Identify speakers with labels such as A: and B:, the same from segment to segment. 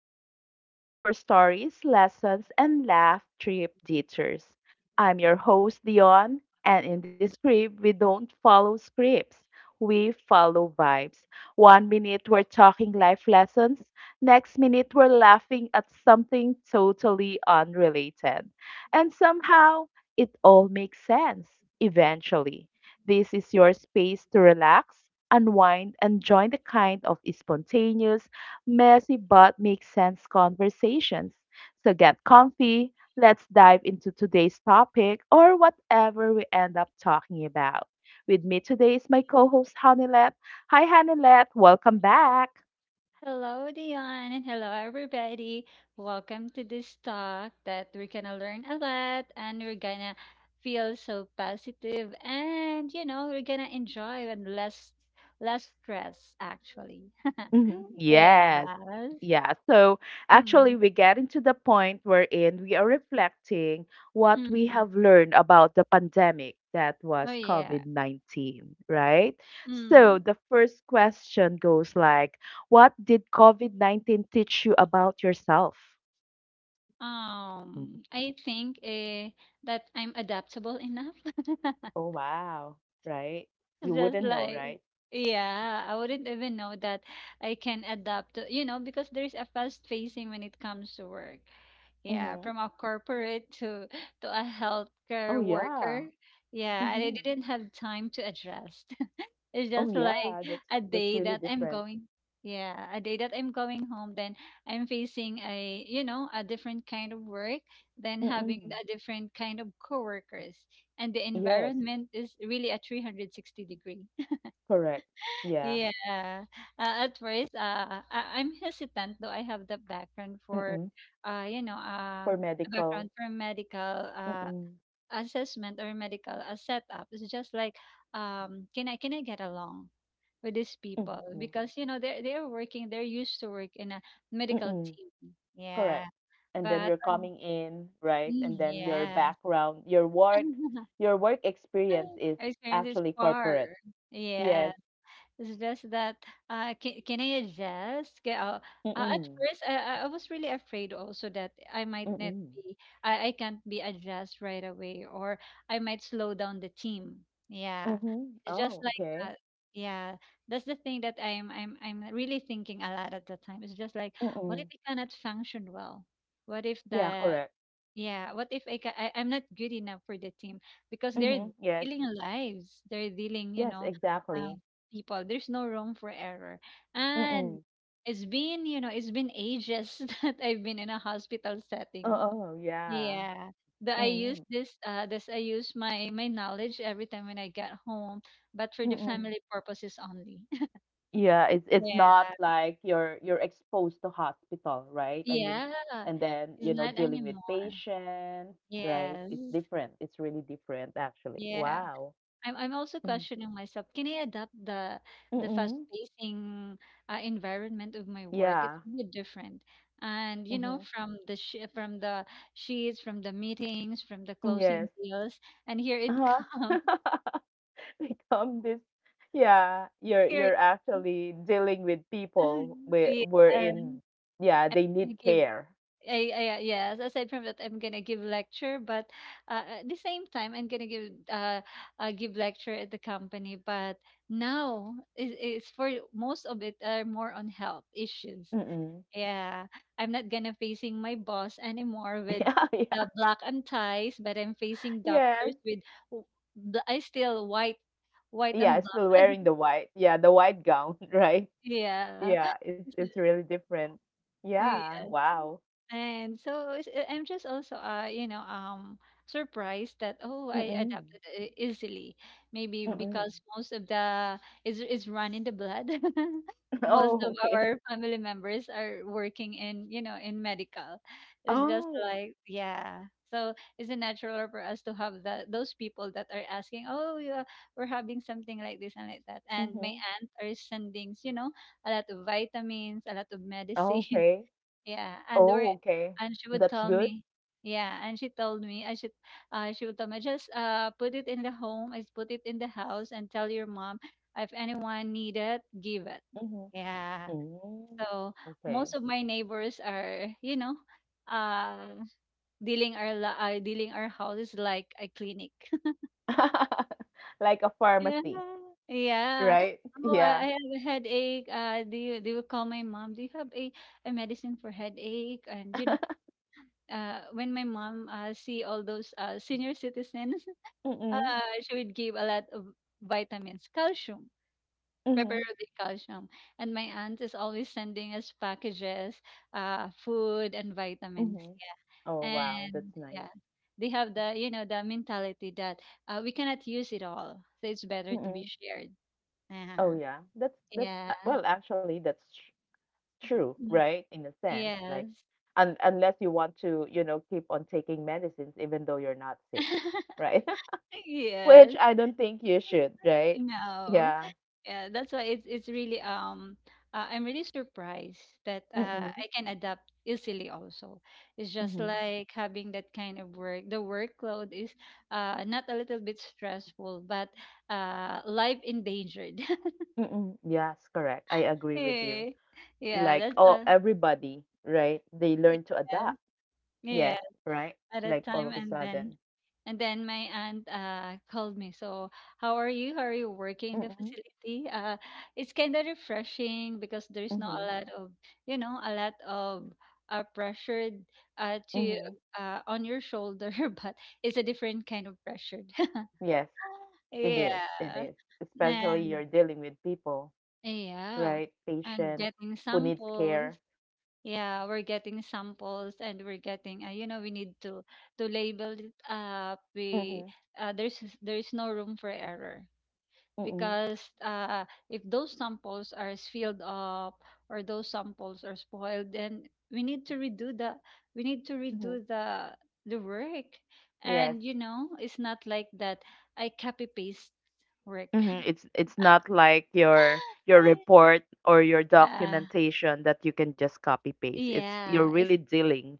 A: stopover for stories, lessons, and laugh trip detours. I'm your host, Dion, and in this script, we don't follow scripts. We follow vibes. One minute we're talking life lessons, next minute we're laughing at something totally unrelated. And somehow, it all makes sense, eventually. This is your space to relax unwind, and join the kind of spontaneous, messy but makes sense conversations. So get comfy, let's dive into today's topic or whatever we end up talking about. With me today is my co host, Hanilet. Hi, Hanilet. Welcome back.
B: Hello, Dion, and hello, everybody. Welcome to this talk that we're gonna learn a lot, and we're gonna feel so positive and you know we're gonna enjoy and less stress actually.
A: Mhm. Yes.
B: Yes.
A: Yeah. So
B: Mm.
A: actually, we get into the point wherein we are reflecting what
B: Mm.
A: we
B: mm.
A: have learned about the pandemic that
B: Oh
A: was
B: yeah.
A: COVID-19, right? So
B: Mm.
A: the first question goes like, what did COVID-19 teach you about yourself? Mhm.
B: I think that I'm adaptable enough.
A: Oh, wow. Right? You
B: It's just
A: wouldn't know,
B: like,
A: right?
B: yeah, I wouldn't even know that I can adapt to, you know, because there's a fast pacing when it comes to work. Yeah,
A: Mm-hmm.
B: from a corporate to a
A: Oh,
B: healthcare
A: yeah.
B: worker. Yeah, I
A: Mm-hmm.
B: didn't have time to adjust. It's
A: Oh,
B: just like
A: yeah. That's
B: a
A: that's
B: day
A: really
B: that I'm
A: different.
B: going, yeah, a day that I'm going home, then I'm facing a, you know, a different kind of work, then having
A: Mm-mm.
B: a different kind of coworkers, and the
A: Yes.
B: environment is really a 360 degree,
A: Correct. Yeah.
B: yeah. At first, I'm hesitant, though I have the background for,
A: Mm-mm.
B: uh, you know, uh,
A: For
B: a
A: medical.
B: background for medical
A: Mm-mm.
B: assessment or medical setup. It's just like, can I get along with these people?
A: Mm-hmm.
B: Because you know they're working, they're used to work in a medical
A: Mm-mm.
B: team.
A: Correct.
B: Yeah.
A: And then
B: But
A: you're coming in, right?
B: mm,
A: And then your
B: yes,
A: background, your work, your work experience is
B: our experience is
A: actually
B: far.
A: corporate. Yes.
B: Yeah. It's just that, can I adjust? Okay, at
A: Mm-mm.
B: first, I I was really afraid also that I might not
A: Mm-mm.
B: be, I can't be adjust right away, or I might slow down the team. Yeah,
A: Mm-hmm.
B: just
A: Oh,
B: like
A: okay.
B: that. Yeah, that's the thing that I'm really thinking a lot at the time. It's just like,
A: Mm-mm.
B: what if it cannot function well? What if
A: Yeah,
B: the
A: correct.
B: yeah, what if I'm not good enough for the team because they're
A: Mm-hmm. Yes.
B: dealing lives, they're dealing, you
A: Yes,
B: know,
A: exactly.
B: um, people. There's no room for error, and
A: Mm-mm.
B: it's been, you know, it's been ages that I've been in a hospital
A: Oh,
B: setting.
A: oh, yeah.
B: Yeah, that I use
A: Mm-mm.
B: this, I use my knowledge every time when I get home, but for the
A: Mm-mm.
B: family purposes only.
A: Yeah, it's
B: Yeah,
A: not like you're exposed to hospital, right? I mean,
B: yeah,
A: and then,
B: it's
A: you know,
B: not
A: dealing with
B: anymore.
A: patients, right?
B: Yes,
A: It's different. It's really different actually.
B: yeah.
A: Wow.
B: I'm also
A: Mhm.
B: questioning myself. Can I adapt the
A: Mm-mm.
B: fast-pacing environment of my work? It's
A: Yeah.
B: really different. And you know,
A: Mm-hmm.
B: from the sheets, from the meetings, from the closing
A: Yes.
B: deals, and here it
A: Uh-huh.
B: comes.
A: Become this. Yeah, you're
B: Here, it-
A: you're actually dealing with people where we're
B: yeah.
A: in. Yeah, they need
B: I give
A: care.
B: I yes, aside from that I'm gonna give lecture, but at the same time I'm gonna give lecture at the company, but now it's, for most of it are more on health issues,
A: Mm-mm.
B: yeah. I'm not gonna facing my boss anymore with
A: Yeah, yeah.
B: the black and ties, but I'm facing doctors
A: Yes.
B: with w- I still white
A: Yeah,
B: and
A: still
B: black.
A: wearing the white. Yeah, the white gown, right?
B: Yeah.
A: Yeah, it's really different. Yeah,
B: Yeah.
A: wow.
B: And so it's I'm just also surprised that oh, I
A: Mm-mm.
B: adapted easily, maybe
A: Mm-mm.
B: because most of the is run in the blood. Most
A: Oh,
B: of
A: okay.
B: our family members are working in, you know, in medical. It's just
A: Oh.
B: like, yeah, so it's a natural for us to have that, those people that are asking, oh yeah, we're having something like this and like that, and my
A: Mm-hmm.
B: aunt are sending, you know, a lot of vitamins, a lot of medicine,
A: Okay.
B: yeah, and
A: Oh,
B: we're,
A: okay.
B: and she would
A: That's
B: tell
A: good.
B: me, yeah, and she told me I should, she would tell me, just put it in the home, I just put it in the house and tell your mom if anyone need it, give it.
A: Mm-hmm.
B: Yeah.
A: Mm.
B: So
A: Okay.
B: most of my neighbors are, you know, uh dealing our houses like a clinic.
A: Like a
B: Yeah.
A: pharmacy,
B: Yeah.
A: right?
B: Oh, I
A: Yeah.
B: have a headache. Do you call my mom? Do you have a medicine for headache? And you know. When my mom see all those senior citizens, uh,
A: Mm-mm.
B: she would give a lot of vitamins, calcium,
A: Mm-hmm.
B: preferably calcium. And my aunt is always sending us packages, food and vitamins.
A: Mm-hmm. Oh,
B: Yeah,
A: wow,
B: and
A: that's nice.
B: yeah, they have the, you know, the mentality that we cannot use it all, so it's better to be
A: Mm-mm.
B: shared.
A: Oh,
B: Uh,
A: yeah. That's
B: yeah.
A: Well, actually, that's true,
B: Mm,
A: right? In a sense, like,
B: yes.
A: un unless you want to keep on taking medicines even though you're not sick, right? Which
B: Yes.
A: I don't think you should, right?
B: No.
A: Yeah.
B: Yeah, that's why it's really I'm really surprised that I
A: Mm-mm.
B: can adapt easily also. It's just
A: Mm-hmm.
B: like having that kind of work. The workload is not a little bit stressful, but life endangered.
A: Mm-mm. Yes, correct. I agree with you.
B: Eh, yeah,
A: Like,
B: that's
A: oh,
B: uh,
A: everybody, right? They learn to
B: yes,
A: adapt.
B: yeah,
A: Yes, right?
B: at a
A: Like all
B: time,
A: of a
B: and then,
A: sudden.
B: and then my aunt called me. So, how are you? How are you working in the
A: Mm-hmm.
B: facility? It's kind of refreshing because there's not a
A: Mm-hmm.
B: lot of, you know, a lot of pressure to
A: Mm-hmm.
B: on your shoulder, but it's a different kind of pressure.
A: Yes, it is. It
B: Yeah,
A: is. Especially
B: and
A: you're dealing with people, right?
B: yeah,
A: Patients
B: and getting
A: who needs
B: samples,
A: care.
B: yeah, we're getting samples and we're getting, you know, we need to label it up, we
A: Mhm.
B: there's no room for error
A: Mm.
B: because if those samples are sealed up or those samples are spoiled, then we need to redo the we need to
A: Mhm.
B: redo the work,
A: Yes.
B: and you know it's not like that I copy paste work.
A: Mhm. It's not like your report or your
B: the
A: documentation that you can just copy paste. It's you're
B: yeah, it's
A: really dealing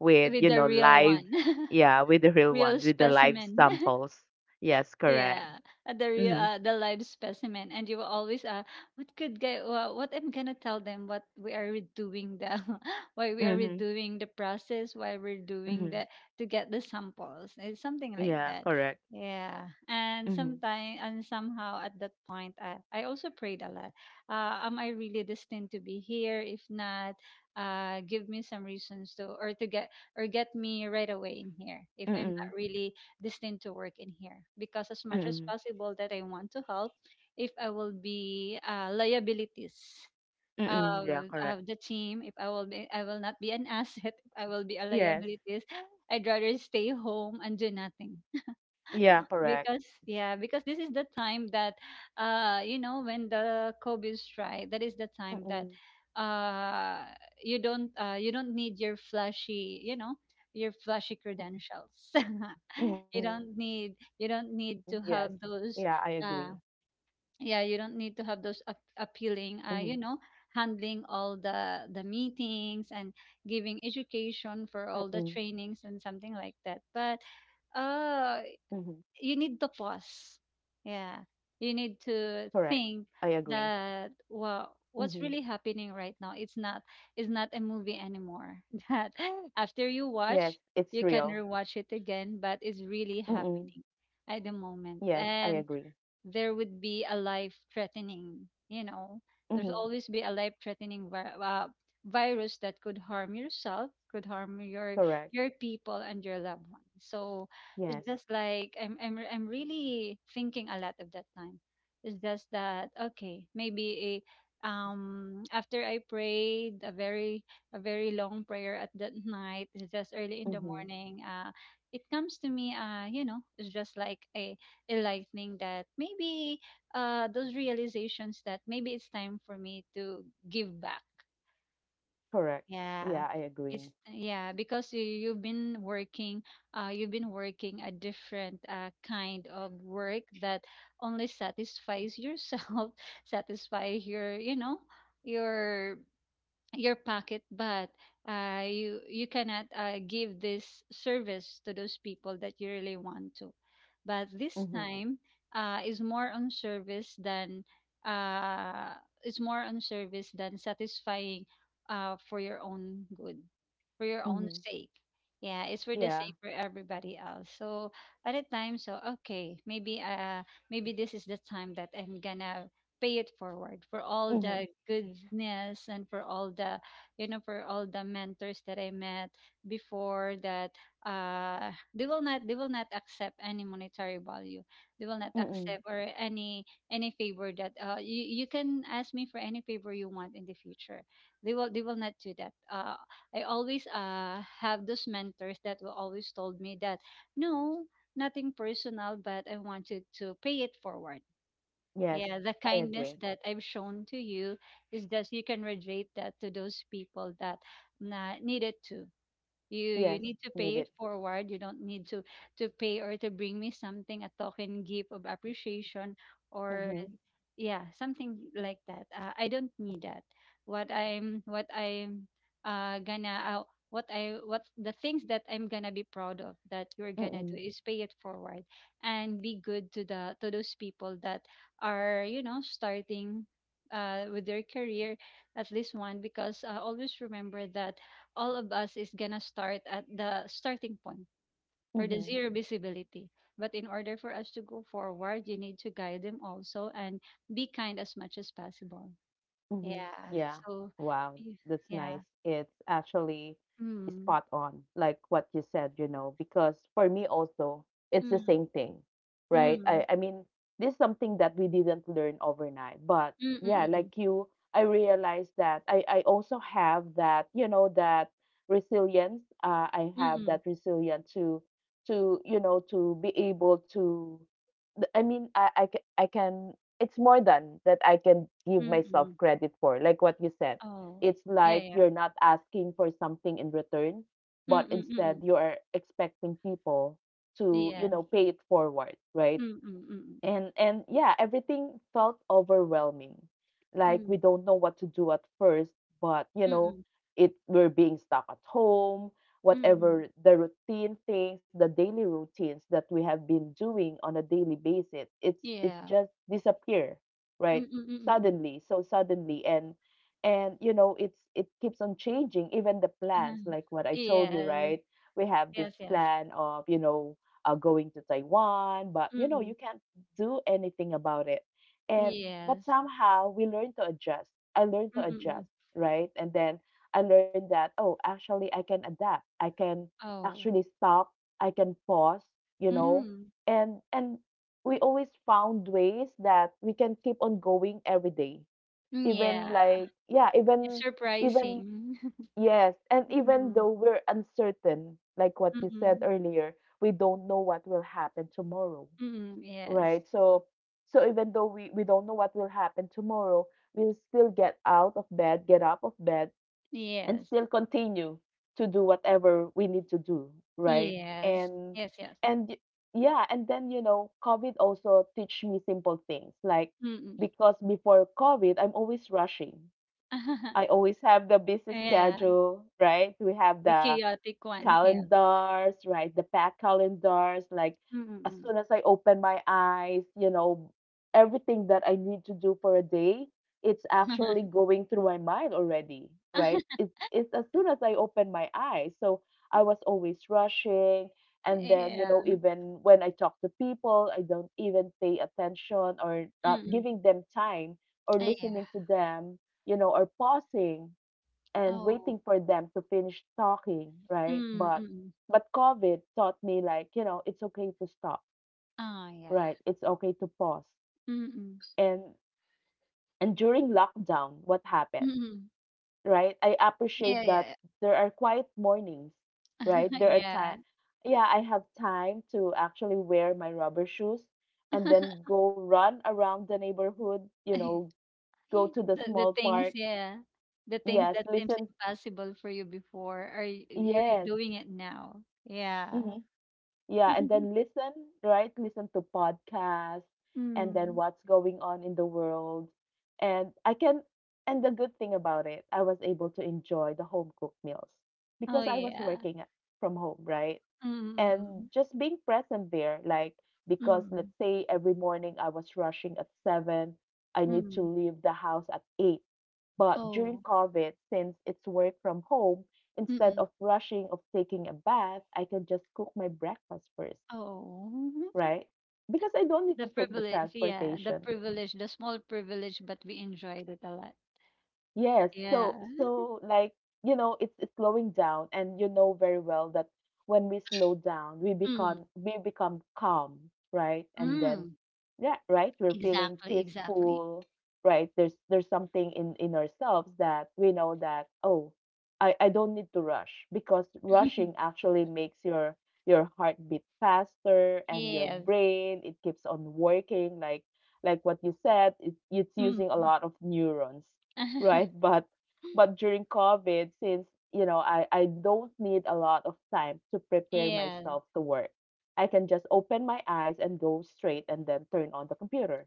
A: with,
B: with
A: you
B: the
A: know,
B: real
A: live,
B: one.
A: yeah, with the real
B: Real
A: ones, with the live
B: specimen.
A: samples. Yes, correct.
B: Yeah, the real
A: Mm-hmm.
B: the live specimen, and you will always what could get what I'm gonna tell them what we are redoing the, why we are
A: Mm-hmm.
B: redoing the process, why we're doing
A: Mm-hmm.
B: the to get the samples, it's something like
A: Yeah,
B: that.
A: correct.
B: Yeah, and
A: Mm-hmm.
B: sometime and somehow at that point, I also prayed a lot. Am I really destined to be here? If not, give me some reasons to, or to get, or get me right away in here if I'm not
A: Mm-mm.
B: really this thing to work in here, because as much as
A: Mm-mm.
B: possible that I want to help, if I will be liabilities
A: Mm-mm. Yeah, correct.
B: of the team, if I will be, I will not be an asset, if I will be a
A: Yes.
B: liabilities. I'd rather stay home and do nothing.
A: Yeah, correct.
B: Because yeah, because this is the time that you know when the kobe strike, that is the time that
A: Mm-mm.
B: uh you don't need your flashy, you know, your flashy
A: Mm-mm.
B: credentials.
A: Mm-hmm. Yes. Yeah, I
B: You don't
A: agree.
B: need to have those uh yeah, you don't need to
A: Mm-hmm.
B: have those appealing, you know, handling all the meetings and giving
A: Mm-mm.
B: education for all the trainings and something like that, but
A: Mm-hmm.
B: uh, you need to pause. Yeah. You
A: Correct.
B: need
A: I
B: to
A: agree.
B: think that,
A: Hmm.
B: well, what's really happening right now? It's not a movie anymore. That
A: Yes,
B: after you
A: it's
B: watch,
A: real.
B: you can rewatch it again, but it's really
A: Mm-mm.
B: happening at the
A: Yes,
B: moment.
A: I agree.
B: And there would be a life threatening, you know,
A: Hmm.
B: there's always be a life threatening virus that could harm yourself, could harm
A: Correct.
B: your people and your loved ones. So
A: Yes.
B: it's just like I'm really thinking a lot of that time. It's just that okay, maybe a after I prayed a very long prayer at that night, it's just early in the
A: Hmm.
B: morning, it comes to me, you know, it's just like a enlightening that, maybe those realizations that maybe it's time for me to give back.
A: Correct. Yeah,
B: Yeah.
A: I agree.
B: It's yeah, because you, you've been working a different kind of work that only satisfies yourself, satisfy your, you know, your your pocket, but you you cannot give this service to those people that you really want to, but this
A: Hmm.
B: time uh, is more on service than uh, is more on service than satisfying for your own good, for your own
A: Hmm.
B: sake, yeah, it's for the
A: Yeah.
B: sake for everybody else, so at a time, so okay, maybe this is the time that I'm gonna pay it forward for all
A: Hmm.
B: the goodness and for all the, you know, for all the mentors that I met before, that they will not accept any monetary value, they will not
A: Mm-mm.
B: accept or any favor, that you, you can ask me for any favor you want in the future, they will not do that. I always have those mentors that will always told me that no, nothing personal, but I want you to pay it forward.
A: Yes,
B: Yeah, the
A: I
B: kindness
A: agree.
B: that I've shown to you is, just you can radiate that to those people that need it, you
A: Yes,
B: you need to
A: need it.
B: pay it forward. You don't need to pay or to bring me something, a token gift of appreciation, or
A: Hmm.
B: yeah, something like that. I don't need that. What I'm gonna what I what the things that I'm gonna be proud of that you're gonna
A: Mm-mm.
B: do is pay it forward and be good to the to those people that are starting with their career, at least one. Because always remember that all of us is gonna start at the starting point or the
A: Hmm.
B: zero visibility. But in order for us to go forward, you need to guide them also and be kind as much as possible.
A: Mhm.
B: Yeah.
A: Yeah.
B: So,
A: Wow.
B: y-
A: That's
B: yeah.
A: nice. It's actually
B: Mm,
A: spot on, like what you said, you know, because for me also, it's the
B: mm,
A: same thing, right? I,
B: mm,
A: I mean, this is something that we didn't learn overnight. But
B: mm,
A: yeah,
B: mm, mm,
A: like you, I realized that I also have that resilience. I
B: mm,
A: have
B: mm,
A: that resilience to be able to. Th- I mean, I, ca- I can it's more than that I can give
B: mm, mm.
A: myself
B: mm.
A: credit for, like what you said.
B: Oh,
A: It's
B: yeah,
A: like
B: yeah.
A: you're not asking for something in return,
B: Mm,
A: but
B: mm, mm,
A: instead
B: mm.
A: you are expecting people to
B: Yes.
A: pay it forward, right?
B: Mm, mm, mm,
A: And yeah, everything felt overwhelming. Like we
B: mm,
A: don't know what to do at first, but you
B: mm, mm,
A: know,
B: mm,
A: it we're being stuck at home,
B: mm. mm.
A: whatever the routine things, the daily routines that we have been doing on a daily basis, it's
B: Yeah.
A: just disappear,
B: Mm,
A: right?
B: mm, mm, mm, mm.
A: Suddenly, so suddenly and you know, it keeps on changing even the plans
B: Uh-huh.
A: like what I told you,
B: Yes.
A: right? We have this
B: Yes, yes.
A: plan of going to Taiwan, but
B: Mm,
A: you know, you
B: mm.
A: can't do anything about it. And but
B: Yes.
A: somehow we learn to adjust. I learned
B: Mm,
A: to
B: mm.
A: adjust, right? And then I learned that oh, actually I can adapt. I can
B: Oh.
A: actually stop. I can pause, you know.
B: Mm.
A: And we always found ways that we can keep on going every day.
B: Mm,
A: Even
B: yeah.
A: like yeah,
B: It's
A: even
B: surprising.
A: yes, and even
B: Mm,
A: though we're uncertain, like what you said
B: mm,
A: earlier, we don't know what will happen tomorrow.
B: mm. Yes.
A: Right. So even though we don't know what will happen tomorrow, we'll still get out of bed and
B: Yes.
A: still continue to do whatever we need to do, right?
B: Yes.
A: And
B: Yes, yes.
A: and yeah, and then COVID also teach me simple things, like,
B: Mm. mm.
A: because before COVID, I'm always rushing. I always have the busy
B: Yeah.
A: schedule, right? We have
B: The
A: the
B: chaotic one. Yeah.
A: calendars, right? The packed calendars, like
B: Mm.
A: as
B: mm,
A: soon as I open my eyes, everything that I need to do for a day, it's actually going through my mind already, right? It's as soon as I open my eyes. So I was always rushing. And then, you
B: Yeah.
A: know, even when I talk to people, I don't even pay attention or
B: Mm.
A: not
B: mm.
A: giving them time or
B: Yeah.
A: listening to them, or pausing and
B: Oh.
A: waiting for them to finish talking, right?
B: Mm.
A: But
B: mm.
A: but COVID taught me, like, it's okay to stop,
B: Oh, yeah.
A: right? It's okay to pause.
B: Mm. mm.
A: And and during lockdown, what happens,
B: Mm.
A: right? I
B: Yeah,
A: appreciate
B: yeah,
A: that
B: yeah.
A: there are quiet mornings, right? There are time yeah, I have time to actually wear my rubber shoes and then go run around the neighborhood, you
B: Yeah.
A: know, go to the
B: The
A: small
B: things,
A: park.
B: yeah. The things
A: Yes,
B: that seems
A: listen.
B: impossible for you before are you're
A: Yes.
B: doing it now. Yeah.
A: Mm-hmm. Yeah, and then listen, right? Listen to podcasts and then
B: Mm.
A: what's going on in the world. And I can, and the good thing about it, I was able to enjoy the home cooked meals
B: Oh
A: because I was
B: yeah.
A: working from home, right? And
B: Mm.
A: just being present there, like, because
B: Mm.
A: let's say every morning I was rushing at 7, I need to
B: Mm.
A: leave the house at 8. But during
B: Oh.
A: COVID, since it's work from home, instead
B: Mm.
A: of rushing of taking a bath, I can just cook my breakfast first,
B: Oh.
A: right? Because I don't need
B: The
A: to take the
B: privilege, yeah. The
A: transportation.
B: privilege, the small privilege, but we enjoyed it a lot.
A: Yes.
B: Yeah.
A: So like, it's slowing down, and you know very well that when we slow down, we become
B: Mm.
A: we become calm, right? And then
B: Mm.
A: yeah, right? We're feeling
B: Exactly, exactly.
A: peaceful, right? There's something in ourselves that we know that oh, I don't need to rush, because rushing actually makes your heart beat faster, and your
B: Yes.
A: brain, it keeps on working, like what you said, it's using a
B: Mm.
A: lot of neurons, right? But during COVID, since you know I don't need a lot of time to prepare
B: Yes.
A: myself to work, I can just open my eyes and go straight and then turn on the computer,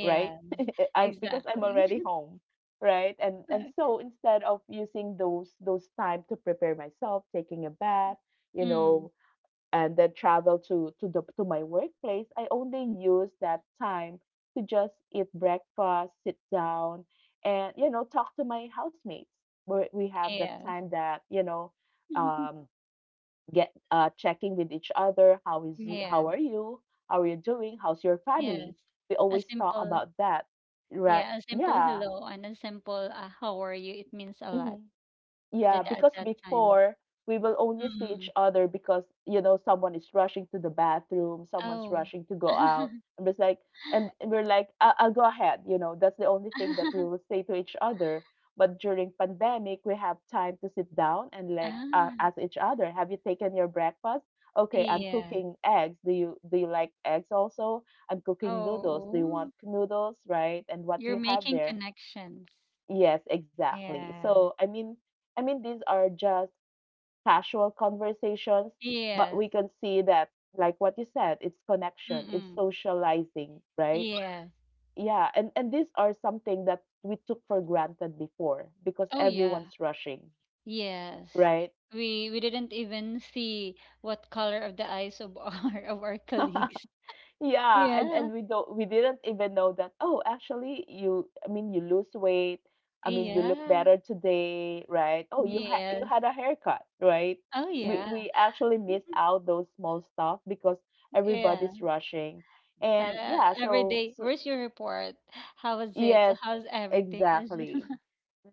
A: right? I'm because I'm
B: Exactly.
A: already home, right? And so instead of using those time to prepare myself, taking a bath, you
B: Mm,
A: know, and then travel to my workplace, I only use that time to just eat breakfast, sit down, and you know talk to my housemates. Where we have that
B: yes.
A: time that um, get checking with each other. How is you?
B: Yeah,
A: How are you? How are you doing? How's your
B: yes.
A: family? We
B: A
A: always talk
B: simple,
A: about that, right?
B: yeah, a simple
A: Yeah.
B: hello and a simple how are you, it means a lot
A: Mm-hmm.
B: that
A: Yeah,
B: at
A: because
B: that time.
A: before we will only see
B: Mm.
A: each other because you know someone is rushing to the bathroom, someone's
B: Oh.
A: rushing to go out. I'm just like, and we're like, I'll go ahead. That's the only thing that we will say to each other. But during pandemic, we have time to sit down and like
B: Ah,
A: ask each other, have you taken your breakfast? Okay, I'm
B: yeah.
A: cooking eggs. Do you like eggs also? I'm cooking noodles. Do you
B: Oh,
A: want noodles, right? And what do
B: you're
A: you have
B: making
A: there?
B: connections.
A: Yes, exactly.
B: Yeah.
A: So, I mean, these are just casual conversations, but
B: Yes.
A: we can see that, like what you said, it's connection, it's
B: Mm-mm.
A: socializing, right?
B: Yes.
A: Yeah, and these are something that we took for granted before because
B: Oh, yeah.
A: everyone's rushing,
B: Yes.
A: right?
B: We didn't even see what color of the eyes of our of our colleagues.
A: Yeah, and
B: Yeah,
A: and we didn't even know that, oh, actually you I mean you lose weight. I mean you look
B: yeah,
A: better today, right? Oh, you had you
B: yes.
A: had a haircut, right?
B: Oh,
A: We
B: yeah.
A: we actually miss
B: Mhm.
A: out those small stuff because
B: Yeah.
A: everybody's rushing. And yeah,
B: Every day, where's your report? How was it? So
A: yes,
B: how's everything? It's just-
A: exactly.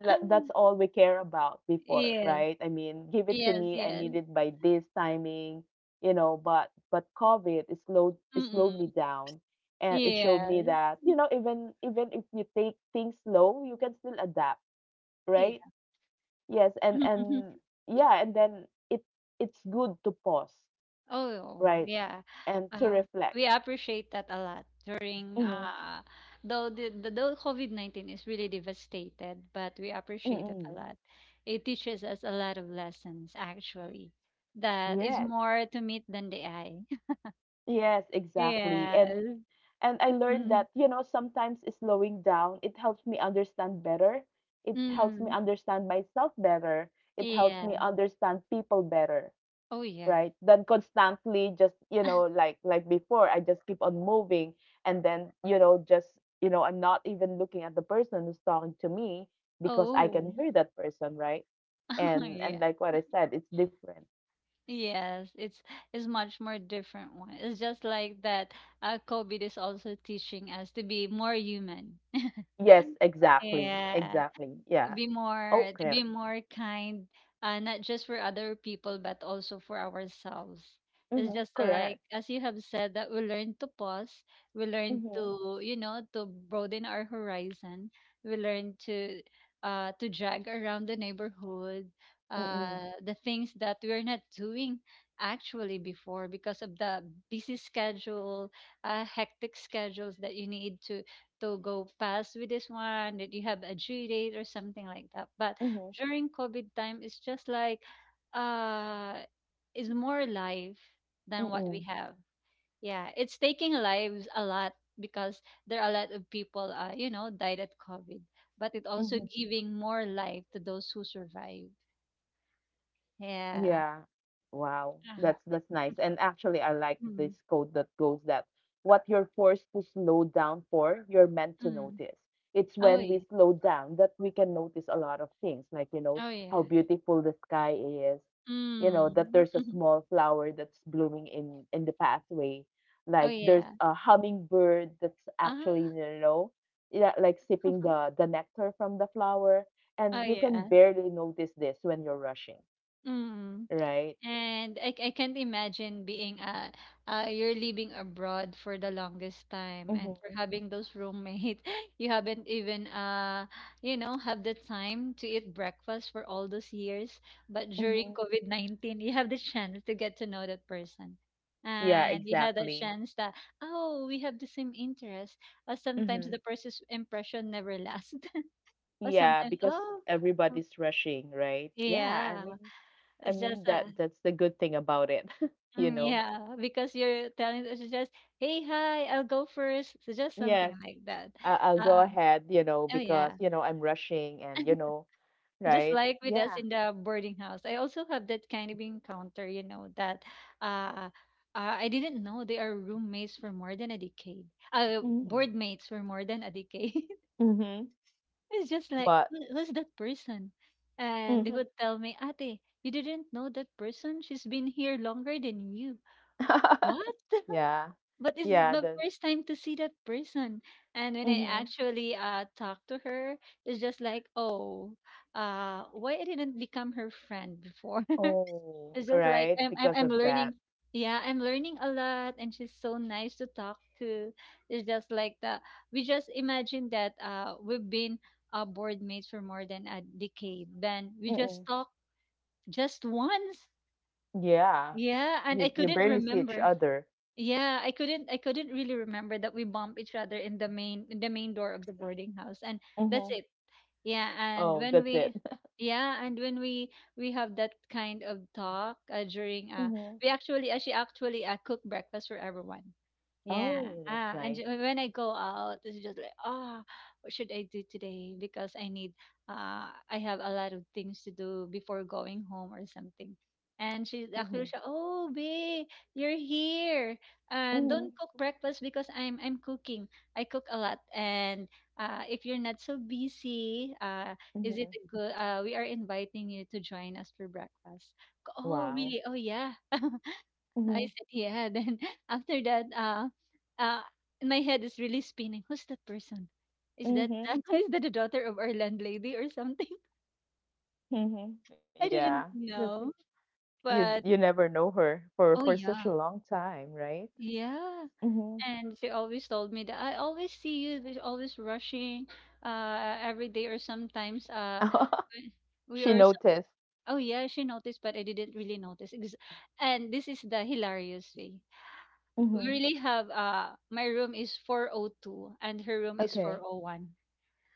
A: That's all we care about before,
B: Yeah.
A: right? I mean, give it to
B: Yes,
A: me. I
B: yes.
A: need it by this timing. But COVID, it slowed
B: Mm-mm.
A: me down, and it showed me
B: Yes.
A: that you know even if you take things slow, you can still adapt, right?
B: Yeah.
A: Yes, and yeah, and then it it's good to pause,
B: Oh,
A: right,
B: yeah.
A: and to
B: Uh,
A: reflect.
B: we appreciate that a lot during
A: Mm-hmm.
B: though the though COVID-19 is really devastated, but we appreciate it
A: Mm-hmm.
B: a lot. It teaches us a lot of lessons actually, that is
A: Yes.
B: more to meet than the eye.
A: Yes, exactly. And
B: Yes.
A: and I learned
B: Mm.
A: that, you know, sometimes slowing down, it helps me understand better. It helps me
B: Mm.
A: understand myself better. It helps me
B: Yeah.
A: understand people better,
B: Oh yeah.
A: right? Than constantly just, you know, like before, I just keep on moving and then, you know, just, you know, I'm not even looking at the person who's talking to me because I
B: Oh
A: can hear that person, right? And
B: yeah.
A: like what I said, it's different.
B: Yes, it's much more different one. It's just like that, COVID is also teaching us to be more human.
A: Yes, exactly.
B: Yeah,
A: Exactly. Yeah.
B: be more to
A: Okay.
B: be more kind, not just for other people but also for ourselves. It's
A: Mhm,
B: just like
A: correct.
B: as you have said, that we learn to pause, we learn
A: Mhm,
B: to, you know, to broaden our horizon, we learn to drag around the neighborhood,
A: mm.
B: the things that we're not doing actually before because of the busy schedule, hectic schedules that you need to go past with this one, that you have a due date or something like that. But
A: Mhm,
B: during COVID time, it's just like, uh is more life than what we
A: mm.
B: have. Yeah, it's taking lives a lot because there are a lot of people you know died at COVID, but it also
A: Mhm.
B: giving more life to those who survive. Yeah.
A: Yeah. Wow.
B: Ah.
A: That's nice. And actually I like this
B: Mm,
A: quote that goes that what you're forced to slow down for, you're meant to
B: mm.
A: notice. It's
B: Oh
A: when we
B: yeah.
A: slow down that we can notice a lot of things, like you know,
B: Oh
A: how
B: yeah.
A: beautiful the sky is, you know, that
B: Mm.
A: there's a small flower that's blooming in the pathway,
B: Oh
A: like there's
B: yeah.
A: a hummingbird that's actually,
B: Ah.
A: you know, yeah, like sipping the nectar from the flower,
B: Oh
A: and you can
B: yeah.
A: barely notice this when you're rushing,
B: Mm.
A: right?
B: And I can't imagine being you're living abroad for the longest time and for
A: Mhm,
B: having those roommate you haven't even you know have the time to eat breakfast for all those years, but during
A: mhm.
B: COVID-19 you have the chance to get to know that person,
A: Yeah,
B: and you had that
A: exactly.
B: chance that, oh, we have the same interest. Sometimes
A: Mhm.
B: the person's impression never lasts. Or
A: Yeah,
B: sometimes,
A: because
B: oh
A: everybody's rushing, right? Yeah, I
B: yeah,
A: mean, I
B: it's just
A: mean that's the good thing about it, you
B: mm,
A: know.
B: yeah, because you're telling us just, "Hey, hi, I'll go first." So just something
A: Yes,
B: like that.
A: I'll go
B: Um,
A: ahead, you know,
B: oh
A: because
B: yeah,
A: you know I'm rushing, and you know,
B: just
A: right?
B: like with us
A: Yeah.
B: in the boarding house. I also have that kind of encounter, you know, that, uh, uh I didn't know they are roommates for more than a decade.
A: Mm.
B: Board mates for more than a decade.
A: Mhm.
B: It's just like,
A: But.
B: who, who's that person? And they
A: Mhm.
B: would tell me, "Ate, you didn't know that person? She's been here longer than you." What?
A: yeah.
B: But this is
A: Yeah.
B: my
A: The.
B: first time to see that person. And when I
A: Mhm.
B: actually talked to her, it's just like, oh, why I didn't become her friend before?
A: Oh,
B: It's just like
A: right. Because
B: I'm
A: of that.
B: learning. Yeah, I'm learning a lot, and she's so nice to talk to. It's just like that. We just imagine that we've been board mates for more than a decade. Then we just
A: Mm-mm.
B: talked just once.
A: Yeah.
B: Yeah, and I
A: You
B: couldn't
A: barely see each
B: remember.
A: other.
B: Yeah, I couldn't really remember that we bumped each other in the main door of the boarding house. And that's
A: Mhm.
B: it. yeah and
A: Oh,
B: when
A: that's it.
B: we yeah, and when we have that kind of talk during
A: Mhm.
B: we actually she actually cook breakfast for everyone. Yeah.
A: Oh, that's
B: Ah, and
A: nice.
B: when I go out, it's just like, ah, what should I do today, because I need I have a lot of things to do before going home or something. And she's actually
A: Mhm.
B: oh babe, you're here, don't
A: Mhm.
B: cook breakfast because I'm cooking. I cook a lot, and if you're not so busy, is it
A: Mhm.
B: a good? We are inviting you to join us for breakfast. Oh,
A: Wow.
B: really? Oh, yeah. I
A: Mhm.
B: said yeah. Then after that, uh, my head is really spinning. Who's that person? Is that
A: Mhm.
B: is that the daughter of our landlady or something?
A: Mhm.
B: I
A: Yeah.
B: didn't
A: That's
B: know,
A: you you
B: but
A: never know her for
B: oh
A: such a
B: yeah,
A: long time, right?
B: yeah.
A: Mhm.
B: And she always told me that, I always see you. There's always rushing, every day or sometimes. We we
A: She
B: are
A: noticed.
B: Oh yeah, she noticed, but I didn't really notice. And this is the hilarious way. We
A: Mhm.
B: really have, my room is 402 and her room is
A: Okay.
B: 401.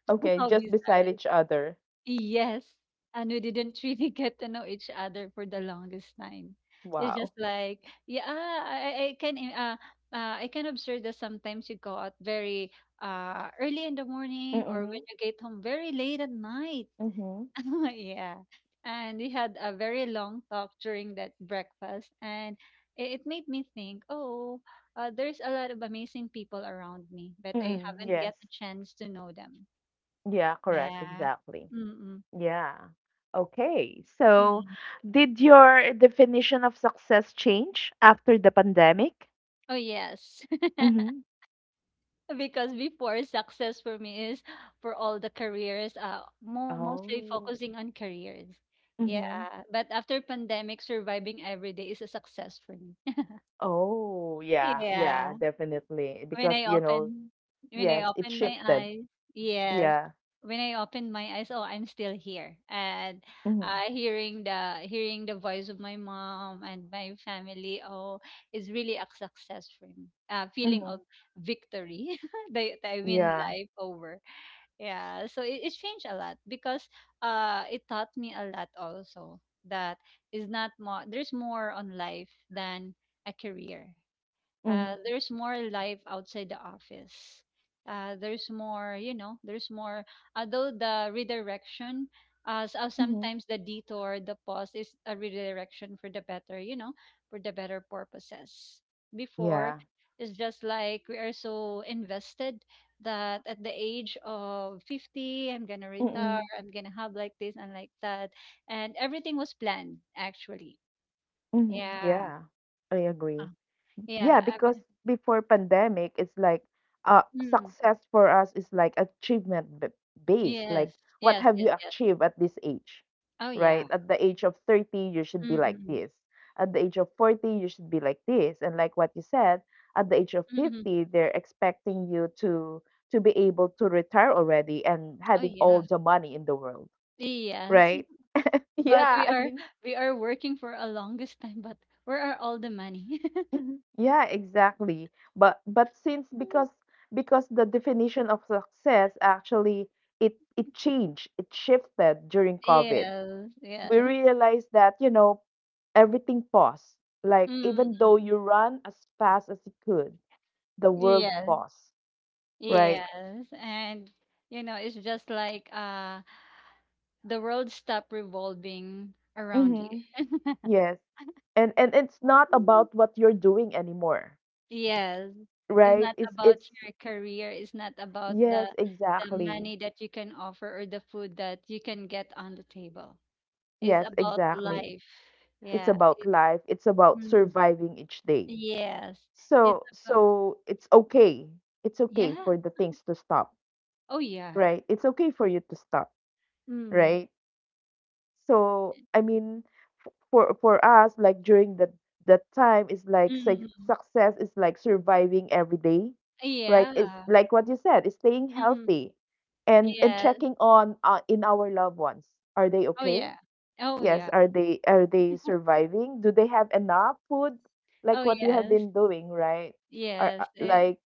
A: Okay,
B: How
A: just
B: bizarre.
A: beside each other.
B: Yes. And we didn't really get to know each other for the longest time. It's just
A: Wow.
B: like, yeah, I, I can I can observe that sometimes you go out very early in the morning, or when
A: Mm-mm.
B: you get home very late at night.
A: Mhm.
B: Yeah. And we had a very long talk during that breakfast, and it made me think, oh, there's a lot of amazing people around me, but I
A: Mm-mm.
B: haven't
A: Yes.
B: get a chance to know them.
A: Yeah, correct.
B: Yeah.
A: Exactly.
B: Mm-mm.
A: Yeah. Okay. So,
B: Mm.
A: did your definition of success change after the pandemic?
B: Oh, yes.
A: Mm-hmm.
B: Because before, success for me is for all the careers, mo mostly
A: Oh.
B: focusing on careers. Yeah.
A: Mm-hmm.
B: But after pandemic, surviving every day is a success for me.
A: Oh, yeah. Yeah,
B: Yeah.
A: definitely.
B: when
A: Because,
B: I
A: you know,
B: open when I
A: yes, it
B: open my
A: shifted.
B: eyes, yes,
A: Yeah.
B: when I open my eyes, oh, I'm still here, and
A: Mm-hmm.
B: hearing the voice of my mom and my family, oh, is really a success for me. Feeling
A: Mm-hmm.
B: of victory that I win
A: Yeah.
B: life over. Yeah, so it changed a lot, because it taught me a lot also, that is not more. there's more on life than a career.
A: Mm-hmm.
B: There's more life outside the office. There's more, you know, there's more. Although the redirection,
A: Mm-hmm.
B: sometimes the detour, the pause is a redirection for the better, you know, for the better purposes. Before,
A: Yeah.
B: it's just like we are so invested that at the age of 50, I'm gonna retire,
A: Mm-hmm.
B: I'm gonna have like this and like that. And everything was planned, actually.
A: Mm-hmm.
B: Yeah.
A: Yeah. I agree.
B: Uh,
A: Yeah,
B: yeah. I
A: because before pandemic it's like
B: mean,
A: success for us is like achievement based like
B: yes,
A: what
B: yes,
A: have
B: yes,
A: you
B: yes.
A: achieved at this age,
B: Oh
A: right?
B: yeah.
A: At the age of 30 you should be like
B: Mm-mm.
A: this, at the age of 40 you should be like this, and like what you said at the age of
B: Mm-mm.
A: 50 they're expecting you to be able to retire already and
B: Oh
A: having
B: yeah.
A: all the money in the world,
B: Yes.
A: right?
B: But
A: Yeah, I mean.
B: we are working for a longest time, but where are all the money?
A: Mhm. Yeah, exactly. But since because the definition of success actually it changed, it shifted during COVID.
B: Yes,
A: We
B: yes.
A: realized that, you know, everything paused. Like even though
B: Mm-mm.
A: you run as fast as you could, the world
B: Yes,
A: paused, right?
B: yes. And you know, it's just like, the world stop revolving around
A: Mm-hmm. Yes. And it's not
B: you.
A: about what you're doing anymore,
B: Yes. It's
A: right?
B: not
A: It's
B: about
A: it's
B: your career. It's not about
A: yes,
B: the
A: exactly.
B: money that you can offer or the food that you can get on the table. It's
A: Yes,
B: about
A: exactly.
B: life.
A: It's
B: Yeah.
A: about
B: It,
A: life, it's about
B: mm,
A: surviving each day,
B: yes. It's
A: so
B: about
A: so it's okay, it's okay
B: yeah.
A: for the things to stop,
B: Oh yeah.
A: right, it's okay for you to stop,
B: Mm.
A: right, so I mean, for us like during the that time is like
B: Mm.
A: success is like surviving every day, right, it's
B: Yeah.
A: like what you said is staying
B: Mm.
A: healthy and
B: Yes.
A: checking on in our loved ones, are they
B: Oh
A: okay?
B: yeah. Oh
A: Yes,
B: yeah.
A: are they surviving? Do they have enough food?
B: Oh
A: Like what you have
B: yes.
A: been doing, right? Are
B: Yes. It,
A: like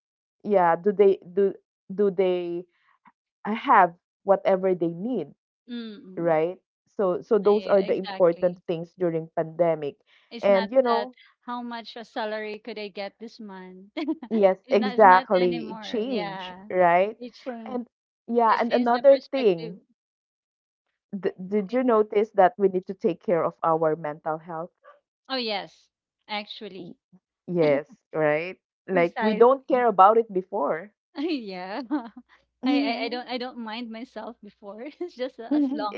A: yeah, do they do do they have whatever they need,
B: mm.
A: right? So so those are
B: yeah,
A: the important
B: exactly.
A: things during pandemic.
B: It's not
A: And you
B: that
A: know,
B: how much a salary could I get this month.
A: yes,
B: It's not, it's not
A: exactly, it
B: anymore.
A: change,
B: Yeah.
A: right?
B: It changed
A: And yeah,
B: it
A: and
B: changed the
A: another
B: perspective.
A: thing, did
B: Eh,
A: you notice that we need to take care of our mental health?
B: Oh yes, actually.
A: Yes, right? Like we
B: Precise.
A: don't care about it before.
B: Yeah. I, I
A: Mm-hmm.
B: don't, I don't mind myself before. It's just as
A: Mm-hmm.
B: long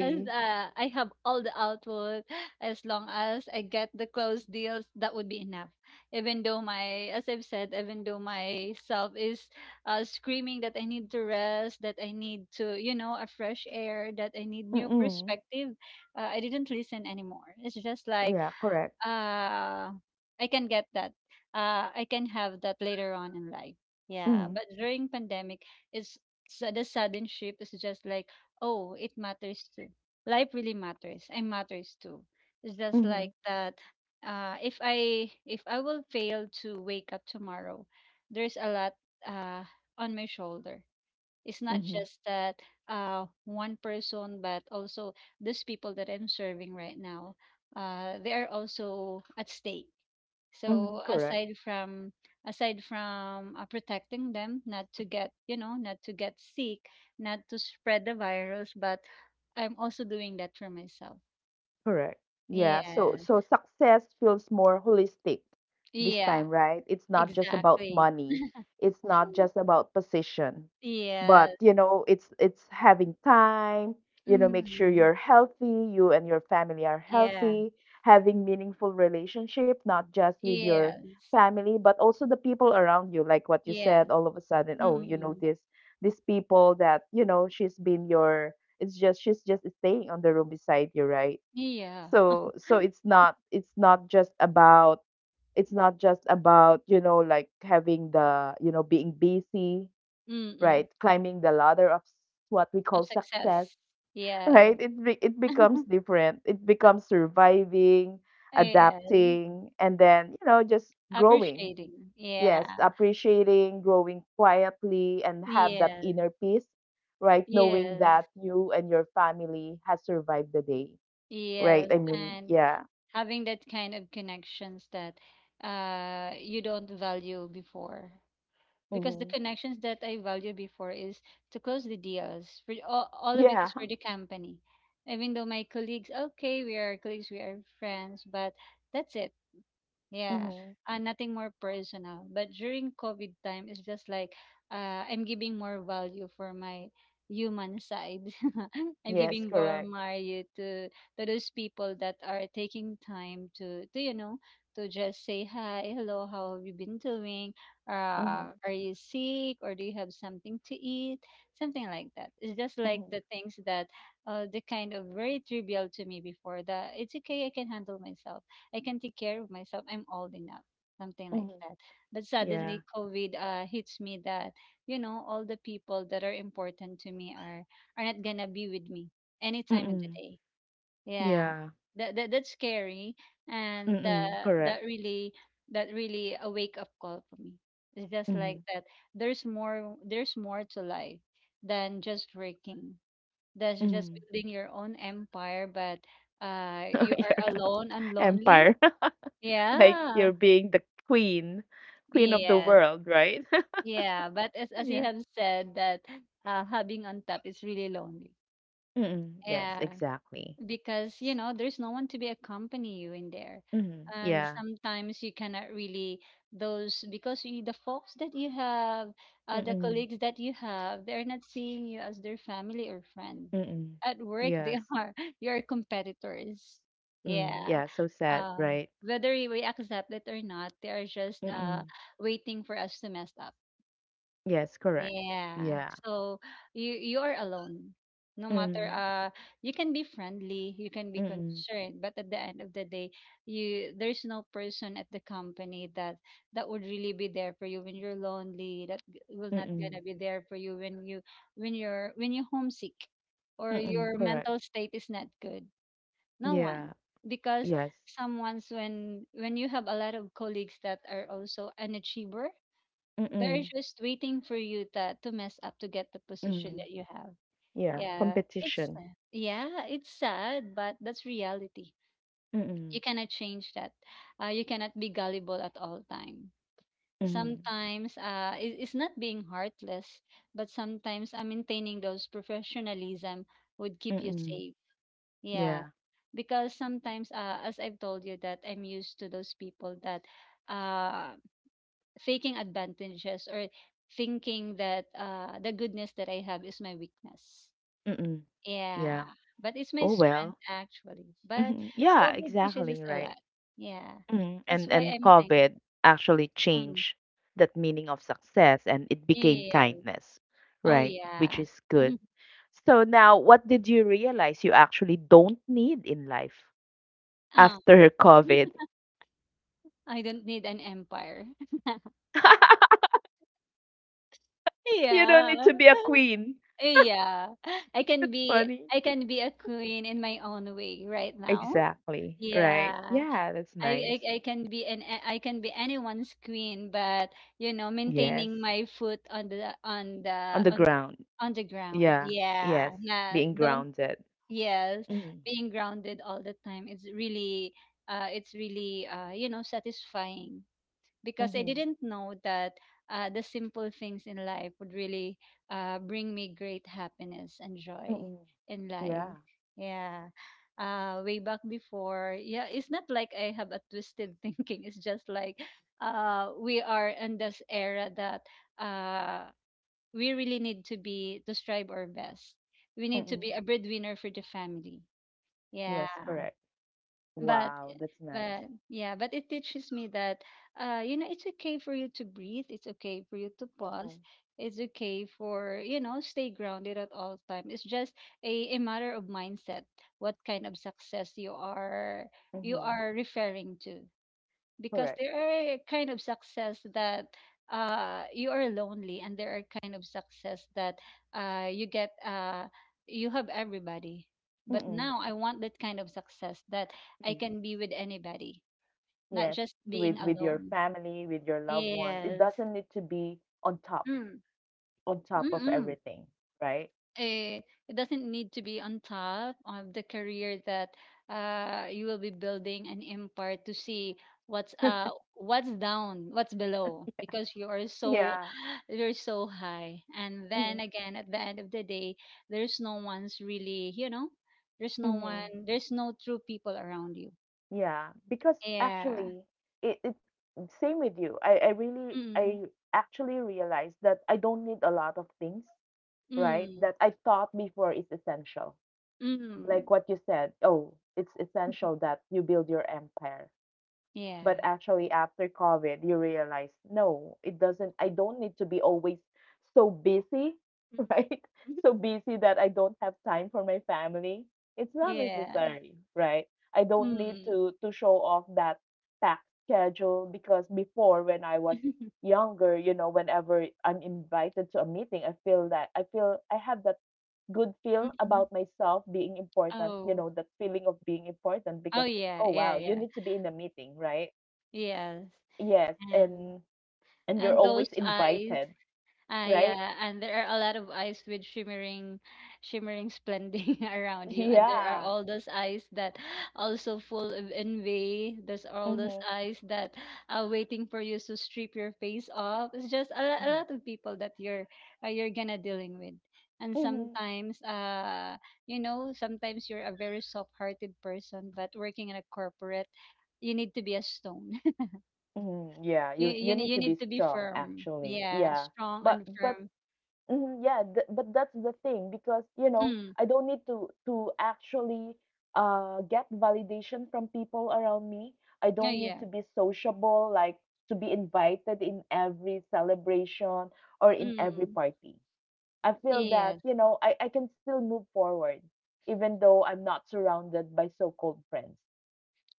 B: as, I have all the output, as long as I get the close deals, that would be enough. Even though my, as I've said, even though myself is screaming that I need to rest, that I need to, you know, a fresh air, that I need new
A: Mm-hmm.
B: perspective, I didn't listen anymore. It's just like,
A: Yeah, correct.
B: uh I can get that. Uh, I can have that later on in life. Yeah,
A: Mm-hmm.
B: but during pandemic, it's so the sudden shift is just like, oh, it matters too. Life really matters. I matters too. It's just
A: Mm-hmm.
B: like that. If I will fail to wake up tomorrow, there's a lot uh on my shoulder. It's not
A: Mm-hmm.
B: just that one person, but also these people that I'm serving right now, they are also at stake.
A: Mm-hmm.
B: So
A: Correct.
B: aside from protecting them, not to get not to get sick, not to spread the virus, but I'm also doing that for myself.
A: Correct. Yeah. So
B: Yes.
A: so success feels more holistic this
B: Yeah.
A: time, right? It's not just about
B: Exactly.
A: money. It's not just about position. But,
B: Yeah.
A: you know, it's having time, you know, make sure
B: Mm.
A: you're healthy, you and your family are
B: Yeah.
A: healthy, having meaningful relationship, not just with your
B: Yes.
A: family, but also the people around you, like what you said,
B: Yes.
A: all of a sudden, oh, you know,
B: Mm-mm.
A: this these people that, you know, she's been your it's just she's just staying on the room beside you, right?
B: Yeah.
A: So so it's not it's not just about you know like having the you know being busy,
B: Mm.
A: right, climbing the ladder of what we
B: Of
A: call success,
B: success. Yes.
A: right, it be, it becomes different, it becomes surviving,
B: Yes.
A: adapting, and then you know just growing,
B: Appreciating.
A: yes,
B: Yeah.
A: appreciating, growing quietly and have that
B: Yes.
A: inner peace, right, knowing
B: Yes.
A: that you and your family has survived the day, right,
B: Yes.
A: I mean,
B: And
A: yeah.
B: having that kind of connections that you don't value before. Because the
A: Mhm.
B: connections that I value before is to close the deals. For all of it
A: Yeah.
B: is for the company. Even though my colleagues, okay, we are colleagues, we are friends, but that's it. Yeah,
A: Mhm.
B: nothing more personal. But during COVID time, it's just like I'm giving more value for my human side. I'm
A: Yes,
B: giving more
A: correct.
B: value to those people that are taking time to to just say hi, hello, how have you been doing?
A: Mhm.
B: Are you sick or do you have something to eat? Something like that. It's just like
A: Mhm.
B: the things that the kind of very trivial to me before that it's okay, I can handle myself. I can take care of myself. I'm old enough, something like
A: Mhm.
B: that. But
A: Yeah.
B: suddenly, COVID hits me that you know all the people that are important to me are not gonna be with me any time of the
A: Mm-mm.
B: day. Yeah,
A: Yeah.
B: that's scary, and
A: Mm-mm. Correct.
B: that really that really a wake up call for me. It's just like
A: Mhm.
B: that. There's more. There's more to life than just working. That's just
A: Mhm.
B: building your own empire, but you are
A: Your
B: alone and lonely
A: empire. Like you're
B: yeah.
A: being the queen, queen of the
B: Yes.
A: world, right?
B: Yeah. But as you
A: Yeah.
B: have said that having on top is really lonely.
A: Mm-mm. Yes,
B: Yeah.
A: exactly.
B: Because
A: S-
B: you know there's no one to be accompany you in there,
A: Mhm.
B: and
A: Yeah.
B: sometimes you cannot really those because the folks that you have, the
A: Mm-mm.
B: colleagues that you have, they're not seeing you as their family or friend
A: Mm-mm.
B: at work. They
A: Yes.
B: are your competitors,
A: Mm. Yeah,
B: yeah.
A: so sad,
B: uh,
A: right?
B: Whether we accept it or not, they are just
A: Mm-mm.
B: waiting for us to mess up,
A: Yes, correct.
B: yeah.
A: Yeah.
B: So you are alone. No matter
A: Mm.
B: you can be friendly, you can be
A: Mm-mm.
B: concerned, but at the end of the day, you there's no person at the company that would really be there for you when you're lonely, that g- will not
A: Mm-mm.
B: gonna be there for you when you're homesick or
A: Mm-mm.
B: your
A: Correct.
B: mental state is not good. No one.
A: Yeah,
B: Because
A: yes.
B: someone's when you have a lot of colleagues that are also an achiever, they're
A: Mm-mm,
B: just waiting for you to mess up to get the position
A: mm,
B: that you have.
A: yeah,
B: Yeah, it's
A: competition.
B: sad. Yeah, it's sad, but that's reality. You
A: Mm-mm,
B: cannot change that. You cannot be gullible at all time.
A: mm,
B: Sometimes it's not being heartless, but sometimes maintaining those professionalism would keep you
A: mm,
B: safe. Yeah,
A: yeah,
B: because sometimes, as I've told you, that I'm used to those people that uh, faking advantages or thinking that the goodness that I have is my weakness.
A: mm,
B: Yeah,
A: yeah.
B: but it's my
A: Oh well.
B: strength actually. But
A: Hmm. Yeah,
B: COVID teaches us
A: exactly,
B: a
A: right.
B: lot. Yeah,
A: Mm.
B: that's
A: And
B: why
A: and
B: I'm
A: COVID
B: thankful.
A: actually
B: Mm,
A: changed that meaning of success and it became
B: yeah.
A: kindness,
B: Oh
A: right? Which
B: yeah.
A: is good. So now, what did you realize you actually don't need in life
B: Oh,
A: after COVID?
B: I don't need an empire.
A: You don't
B: Yeah.
A: need to be a queen.
B: Yeah. I can
A: That's
B: be
A: funny.
B: I can be a queen in my own way right now.
A: Exactly, right.
B: Yeah.
A: Yeah, that's nice.
B: I can be an a- I can be anyone's queen, but you know,
A: Yes.
B: maintaining my foot on the
A: On the ground.
B: on the ground.
A: Yeah.
B: Yeah,
A: Yes.
B: nah,
A: Being
B: don't.
A: grounded.
B: Yes,
A: Mm.
B: being grounded all the time. It's really, you know, satisfying because I
A: Mhm.
B: didn't know that the simple things in life would really bring me great happiness and joy
A: Mm.
B: in life.
A: Yeah.
B: Yeah. Way back before, yeah, it's not like I have a twisted thinking. It's just like we are in this era that uh, we really need to be to strive our best. We need
A: Mm.
B: to be a breadwinner for the family. Yeah,
A: Yes, correct.
B: but
A: Wow, that's nice.
B: but yeah, but it teaches me that you know it's okay for you to breathe, it's okay for you to pause,
A: Mhm.
B: it's okay for you know stay grounded at all time. It's just a matter of mindset, what kind of success you are
A: Mhm.
B: referring to. Because
A: Correct.
B: there are kind of success that you are lonely, and there are kind of success that uh, you get uh, you have everybody, but
A: Mm.
B: now I want that kind of success that I
A: Mm.
B: can be with anybody, not
A: Yes,
B: just being
A: with your
B: alone.
A: family, with your loved ones. It
B: Yes.
A: doesn't need to be
B: Mm.
A: on top of
B: Mm-mm.
A: everything, right?
B: Eh, it doesn't need to be on top of the career that you will be building an empire to see what's uh what's down, what's below, because you are so
A: Yeah.
B: you're so high, and then
A: Mm.
B: again at the end of the day there's no one's really you know
A: Mhm.
B: there's no true people around you,
A: Yeah, because
B: yeah.
A: actually, it same with you. I really
B: Mm,
A: I actually realized that I don't need a lot of things, right?
B: mm,
A: That I thought before is essential. Like
B: mm.
A: what you said, oh, it's essential that you build your empire. But
B: Yeah.
A: actually, after COVID, you realize, no, it doesn't, I don't need to be always so busy, right?
B: Mm.
A: So busy that I don't have time for my family. It's not
B: Yeah.
A: necessary, right? I don't need
B: Mm.
A: to show off that packed schedule because before when I was younger, you know, whenever I'm invited to a meeting, I feel that I feel I have that good feel about myself being important, you
B: Oh,
A: know, that feeling of being important
B: oh
A: because
B: yeah,
A: oh
B: yeah,
A: wow, you
B: yeah,
A: need to be in a meeting, right?
B: yes.
A: Yes,
B: And
A: and you're
B: and
A: always
B: those eyes,
A: invited,
B: ah,
A: right?
B: yeah, and there are a lot of eyes with shimmering, shimmering splending around you, and there are
A: Yeah.
B: all those eyes that also full of envy. There's all those
A: Mhm.
B: eyes that are waiting for you to strip your face off. It's just a, lo- a
A: Mhm.
B: lot of people that you're gonna dealing with, and
A: Mhm.
B: sometimes, you know, sometimes you're a very soft-hearted person, but working in a corporate, you need to be a stone.
A: Mhm. Yeah, you you
B: Ne-
A: need
B: you
A: to be
B: need to be
A: strong
B: firm.
A: actually.
B: Yeah,
A: Yeah.
B: strong
A: But
B: and
A: but
B: firm.
A: mhm, yeah, th but that's the thing because, you know,
B: Mm.
A: I don't need to actually get validation from people around me. I
B: Oh
A: don't need
B: yeah.
A: to be sociable, like to be invited in every celebration or in every
B: Mm.
A: party. I feel that,
B: Yes.
A: you know, I can still move forward even though I'm not surrounded by so called friends,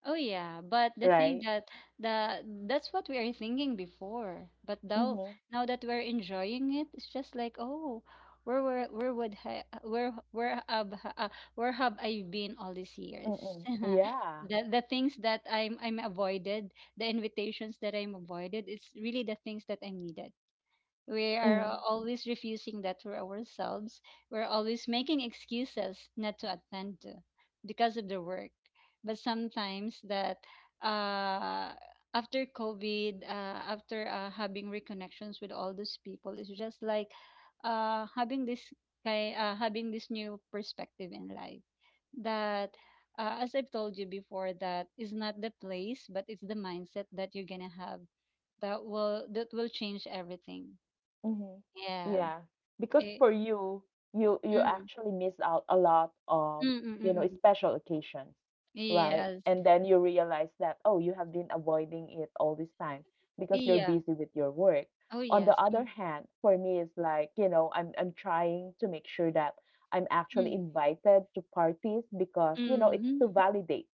B: Oh yeah. But the thing
A: right?
B: that the that's what we are thinking before. But now,
A: Mm-hmm.
B: now that we're enjoying it, it's just like oh, where were where would ha, where have ha- where have I been all these years?
A: Mm-mm. Yeah.
B: The things that I'm avoided, the invitations that I'm avoided, it's really the things that I needed. We are
A: Mhm.
B: always refusing that for ourselves. We're always making excuses not to attend to because of the work. But sometimes that uh, after COVID, after having reconnections with all those people, it's just like having this having this new perspective in life that as I've told you before, that is not the place, but it's the mindset that you're gonna have that will change everything,
A: Mhm.
B: yeah.
A: Yeah, because
B: Eh,
A: for you, you you
B: mm,
A: actually miss out a lot
B: mm,
A: of,
B: mm,
A: you
B: mm,
A: know,
B: mm.
A: special occasions, right?
B: Yes.
A: And then you realize that, oh, you have been avoiding it all this time because you're
B: Yeah.
A: busy with your work.
B: Oh,
A: On the
B: yes.
A: other
B: Mm,
A: hand, for me, it's like, you know, I'm trying to make sure that I'm actually
B: mm,
A: invited to parties because, you know, it's
B: mm.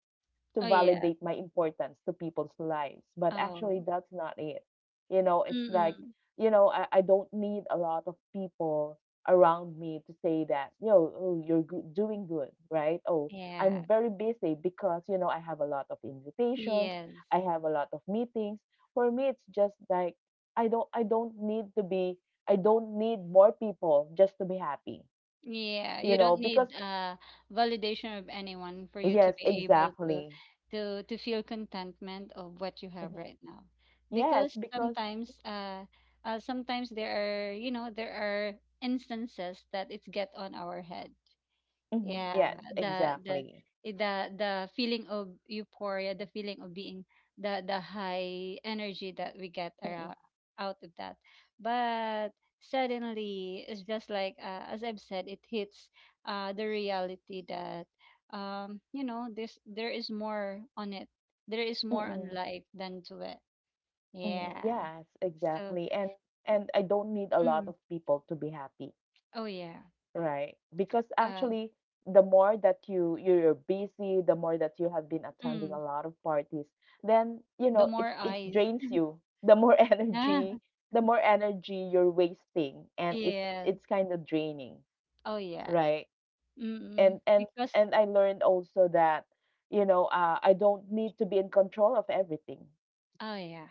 A: to
B: Oh, yeah.
A: validate my importance to people's lives. But actually,
B: Oh.
A: that's not it. You know, it's
B: Mm,
A: like
B: mm.
A: you know, I don't need a lot of people around me to say that, you know, oh, you're doing good, right? Oh,
B: Yeah.
A: I'm very busy because, you know, I have a lot of invitations,
B: Yes.
A: I have a lot of meetings. For me, it's just like I don't need to be I don't need more people just to be happy,
B: Yeah.
A: you
B: You
A: know,
B: don't
A: because
B: need validation of anyone for you
A: yes,
B: to be able to
A: exactly.
B: to feel contentment of what you have
A: Mhm.
B: right now.
A: Yes,
B: Because
A: because
B: sometimes sometimes there you know, there are instances that it's get on our head.
A: mhm,
B: Yeah,
A: yes,
B: the the
A: exactly.
B: the feeling of euphoria, the feeling of being the high energy that we get
A: Mm-mm,
B: around out of that. But suddenly, it's just like as I've said, it hits the reality that you know there is more on it. There is more on
A: mm-mm.
B: life than to it.
A: Mhm,
B: Yeah.
A: yes,
B: So,
A: exactly. And I don't need a lot
B: mm,
A: of people to be happy,
B: oh yeah.
A: right? Because
B: Uh,
A: actually the more that you're busy, the more that you have been attending a
B: mm,
A: lot of parties, then you
B: the
A: know it
B: more
A: it
B: eyes.
A: drains you. The more
B: Yeah.
A: energy, the more energy you're wasting and it
B: Yeah.
A: it's kind of draining,
B: Oh yeah.
A: right?
B: Mm,
A: And and
B: because
A: and I learned also that you know, I don't need to be in control of everything,
B: oh yeah,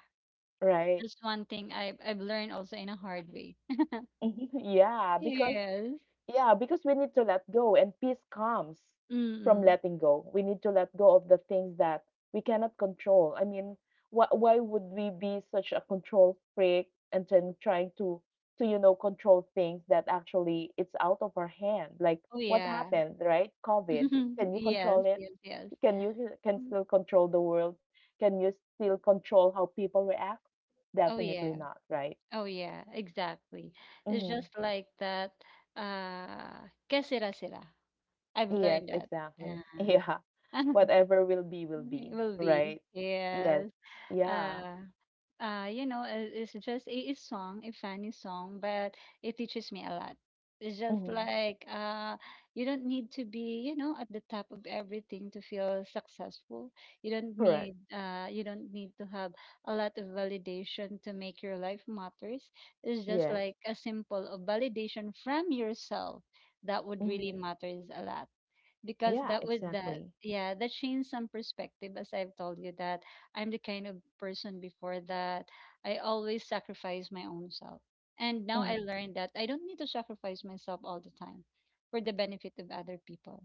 A: right?
B: that's one thing I've learned also in a hard way.
A: yeah, because
B: Yes.
A: Yeah, because we need to let go, and peace comes from
B: Mm.
A: letting go. We need to let go of the things that we cannot control. I mean, why would we be such a control freak and then trying to you know control things that actually it's out of our hand? Like
B: Oh
A: what
B: yeah.
A: happened, right? COVID. Can you control
B: Yes,
A: it?
B: yes, yes.
A: Can you can
B: Mm.
A: still control the world? Can you still control how people react?
B: Oh
A: Definitely
B: yeah.
A: not, right?
B: Oh yeah, exactly. It's
A: Mm-hmm.
B: just like that que sera sera. I've
A: Yes,
B: learned that.
A: exactly.
B: Uh,
A: Yeah. Whatever will be,
B: it will be.
A: right? Yes.
B: Yes.
A: Yeah.
B: Uh, you know, it's just a song, a funny song, but it teaches me a lot. It's just
A: hmm
B: like you don't need to be, you know, at the top of everything to feel successful.
A: Correct.
B: You don't need to have a lot of validation to make your life matters. It's just
A: Yes.
B: like a simple of validation from yourself that would really
A: hmm
B: matters a lot, because
A: Yeah,
B: that would that
A: exactly.
B: yeah that changed some perspective, as I've told you, that I'm the kind of person before that I always sacrifice my own self, and now I
A: hmm
B: learned that I don't need to sacrifice myself all the time for the benefit of other people.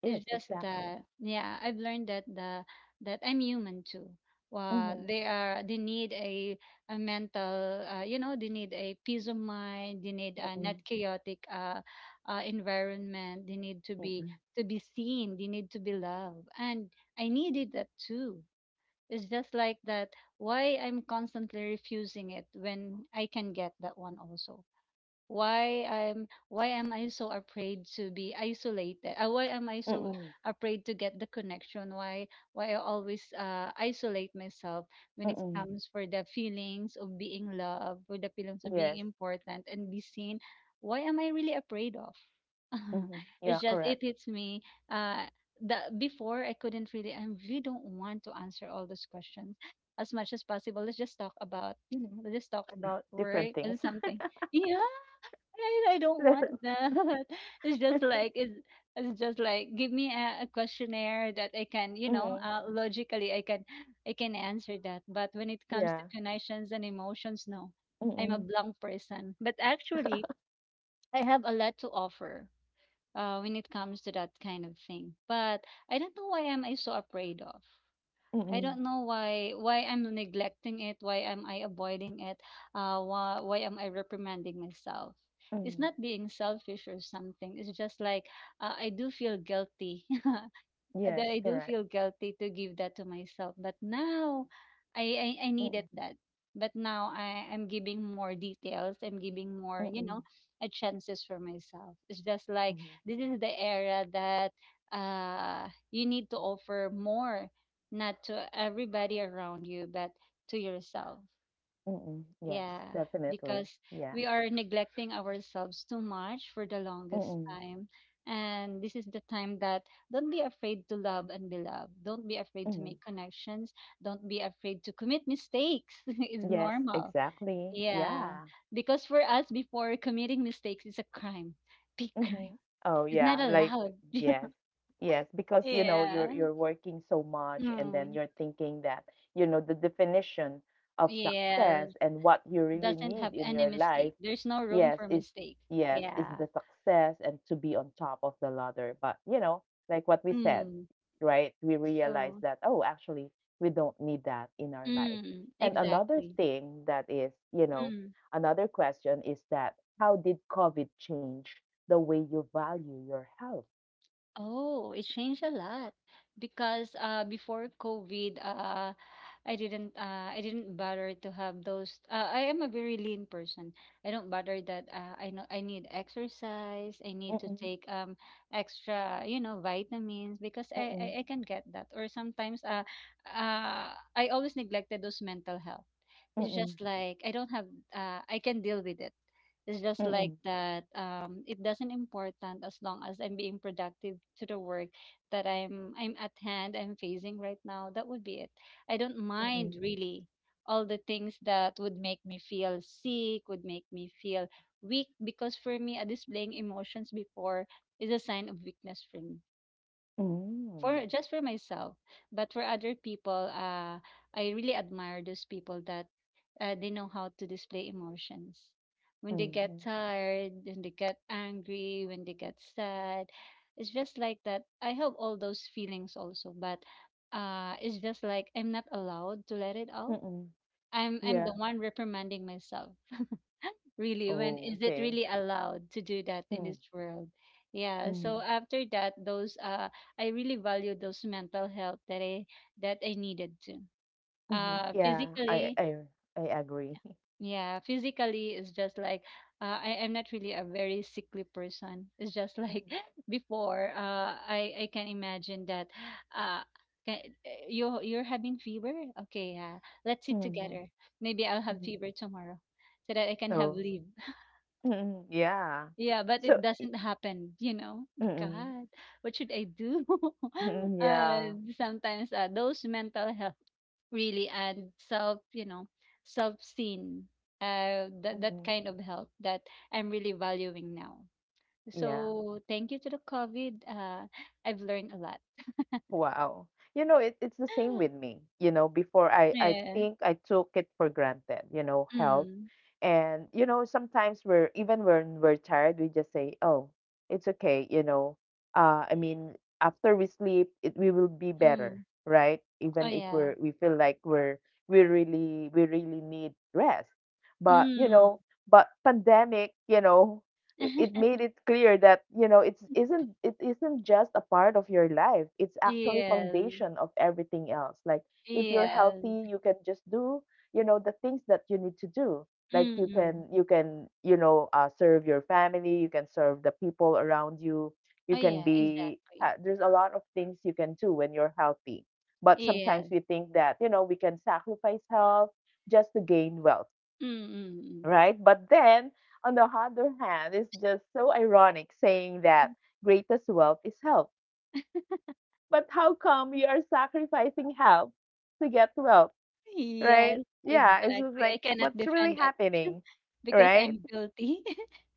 A: Yes,
B: It's just
A: exactly.
B: that, yeah, I've learned that the that I'm human too.
A: hmm
B: They need a mental, you know, they need a peace of mind. They need a not
A: Mm-mm.
B: chaotic environment. They need to be
A: Mm-mm.
B: seen. They need to be loved, and I needed that too. It's just like that. Why I'm constantly refusing it when I can get that one also, why I'm why am I so afraid to be isolated? Why am I so
A: Mm-mm.
B: afraid to get the connection? Why I always isolate myself when it
A: Mm-mm.
B: comes for the feelings of being loved, for the feelings of being
A: Yes.
B: important and be seen? Why am I really afraid of? it's
A: Yeah,
B: just it
A: correct.
B: hits me. Uh, the before I couldn't really I really don't want to answer all those questions as much as possible. Let's just talk about let's just talk about
A: Different
B: work
A: things.
B: or something. Yeah. Right, I don't want that. It's just like it's, it's just like give me a questionnaire that I can,
A: Mm-hmm.
B: logically I can answer that. But when it comes
A: Yeah.
B: to connections and emotions, no, I'm
A: Mm-mm.
B: a blank person. But actually, I have a lot to offer when it comes to that kind of thing. But I don't know why am I so afraid of. I
A: Mm-mm.
B: don't know why I'm neglecting it, why am I avoiding it, why am I reprimanding myself? It's
A: Mm-mm.
B: not being selfish or something. It's just like I do feel guilty. uh,
A: Yes,
B: that I do
A: correct.
B: feel guilty to give that to myself. But now I
A: Mm-mm.
B: needed that. But now I'm giving more details. I'm giving more,
A: Mm-mm.
B: a chances for myself. It's just like
A: Mm-mm.
B: this is the era that you need to offer more, not to everybody around you, but to yourself.
A: Mm-mm. Yes,
B: Yeah,
A: definitely.
B: because
A: Yeah.
B: we are neglecting ourselves too much for the longest
A: Mm-mm.
B: time. And this is the time that don't be afraid to love and be loved. Don't be afraid to
A: Mm-mm.
B: make connections. Don't be afraid to commit mistakes. It's
A: Yes,
B: normal.
A: exactly.
B: Yeah,
A: Yeah.
B: because for us, before committing mistakes is a crime, big crime.
A: Mhm. Oh
B: It's not
A: yeah, like
B: allowed.
A: yes. Yes, because you know you're
B: Yeah.
A: you're working so much and then
B: Mm.
A: you're thinking that you know the definition of
B: Yeah.
A: success and what you really
B: Doesn't
A: need
B: have
A: in
B: any
A: your life,
B: mistake. There's no room
A: yes,
B: for
A: is
B: mistake.
A: yes, is
B: Yeah.
A: the success and to be on top of the ladder. But you know, like what we said,
B: Mm.
A: right? We realize
B: So.
A: that, oh, actually we don't need that in our life.
B: Mm,
A: And another
B: exactly.
A: thing that is, you know,
B: Mm.
A: another question is that how did COVID change the way you value your health?
B: Oh, it changed a lot because before COVID, I didn't bother to have those I am a very lean person. I don't bother that I know I need exercise, I need to
A: Mm-mm,
B: take extra, you know, vitamins because I I,
A: mm-mm,
B: I can get that or sometimes I always neglected those mental health. It's
A: mm-mm,
B: just like I don't have I can deal with it. It's just like
A: mm-mm,
B: that it doesn't important as long as I'm being productive to the work that I'm at hand, I'm facing right now. That would be it. I don't
A: mm-mm.
B: mind really all the things that would make me feel sick, would make me feel weak because for me displaying emotions before is a sign of weakness for me, for
A: Mm.
B: just for myself, but for other people I really admire those people that they know how to display emotions, when they get
A: Mm-hmm.
B: tired, when they get angry, when they get sad. It's just like that, I have all those feelings also, but it's just like I'm not allowed to let it out.
A: Mm-mm.
B: I'm the
A: Yeah.
B: one reprimanding myself, really, when
A: Oh,
B: is it
A: okay.
B: really allowed to do that in
A: Mm,
B: this world? Yeah, so
A: mhm,
B: after that, those I really value those mental health that I needed to
A: mhm, yeah, I
B: physically.
A: I I agree.
B: Yeah, physically it's just like I'm not really a very sickly person. It's just
A: Mm,
B: like before I can imagine that uh ca- you you're having fever, okay, yeah, let's sit
A: mhm,
B: together, maybe I'll have
A: mhm,
B: fever tomorrow so that I can have
A: oh,
B: leave.
A: mm, yeah.
B: Yeah, but
A: So,
B: it doesn't happen, you know? My
A: mm,
B: God, what should I do?
A: mm,
B: uh,
A: yeah,
B: sometimes those mental health really and self, self-seen, that that
A: mhm.
B: kind of help that I'm really valuing now.
A: Yeah.
B: So thank you to the COVID. I've learned a lot.
A: Wow. You know, it, it's the same with me. You know, before I
B: Yeah.
A: think I took it for granted, you know, health.
B: Mm.
A: And, you know, sometimes we're, even when we're tired, we just say, oh, it's okay, you know. I mean, after we sleep, it, we will be better,
B: Mm.
A: right?
B: Oh
A: Even if
B: yeah.
A: we're, we feel like we're, we really need rest. But, you
B: Mm.
A: know, but pandemic, you know, it made it clear that, you know, it's isn't, it isn't just a part of your life, it's actually
B: Yes.
A: foundation of everything else. Like, if you're
B: Yes.
A: healthy you can just do, you know, the things that you need to do. Like, you
B: Mm-mm.
A: can, you can, you know, serve your family, you can serve the people around you, you
B: Oh
A: can
B: yeah.
A: be,
B: Exactly.
A: yeah, there's a lot of things you can do when you're healthy. But sometimes
B: Yes.
A: we think that, you know, we can sacrifice health just to gain wealth,
B: Mm, mm.
A: right? But then, on the other hand, it's just so ironic saying that greatest wealth is health. But how come you are sacrificing health to get wealth, right?
B: Yes,
A: Yeah, it's just
B: exactly. I
A: like
B: cannot
A: what's really
B: defend that.
A: happening,
B: Because
A: right?
B: I'm guilty.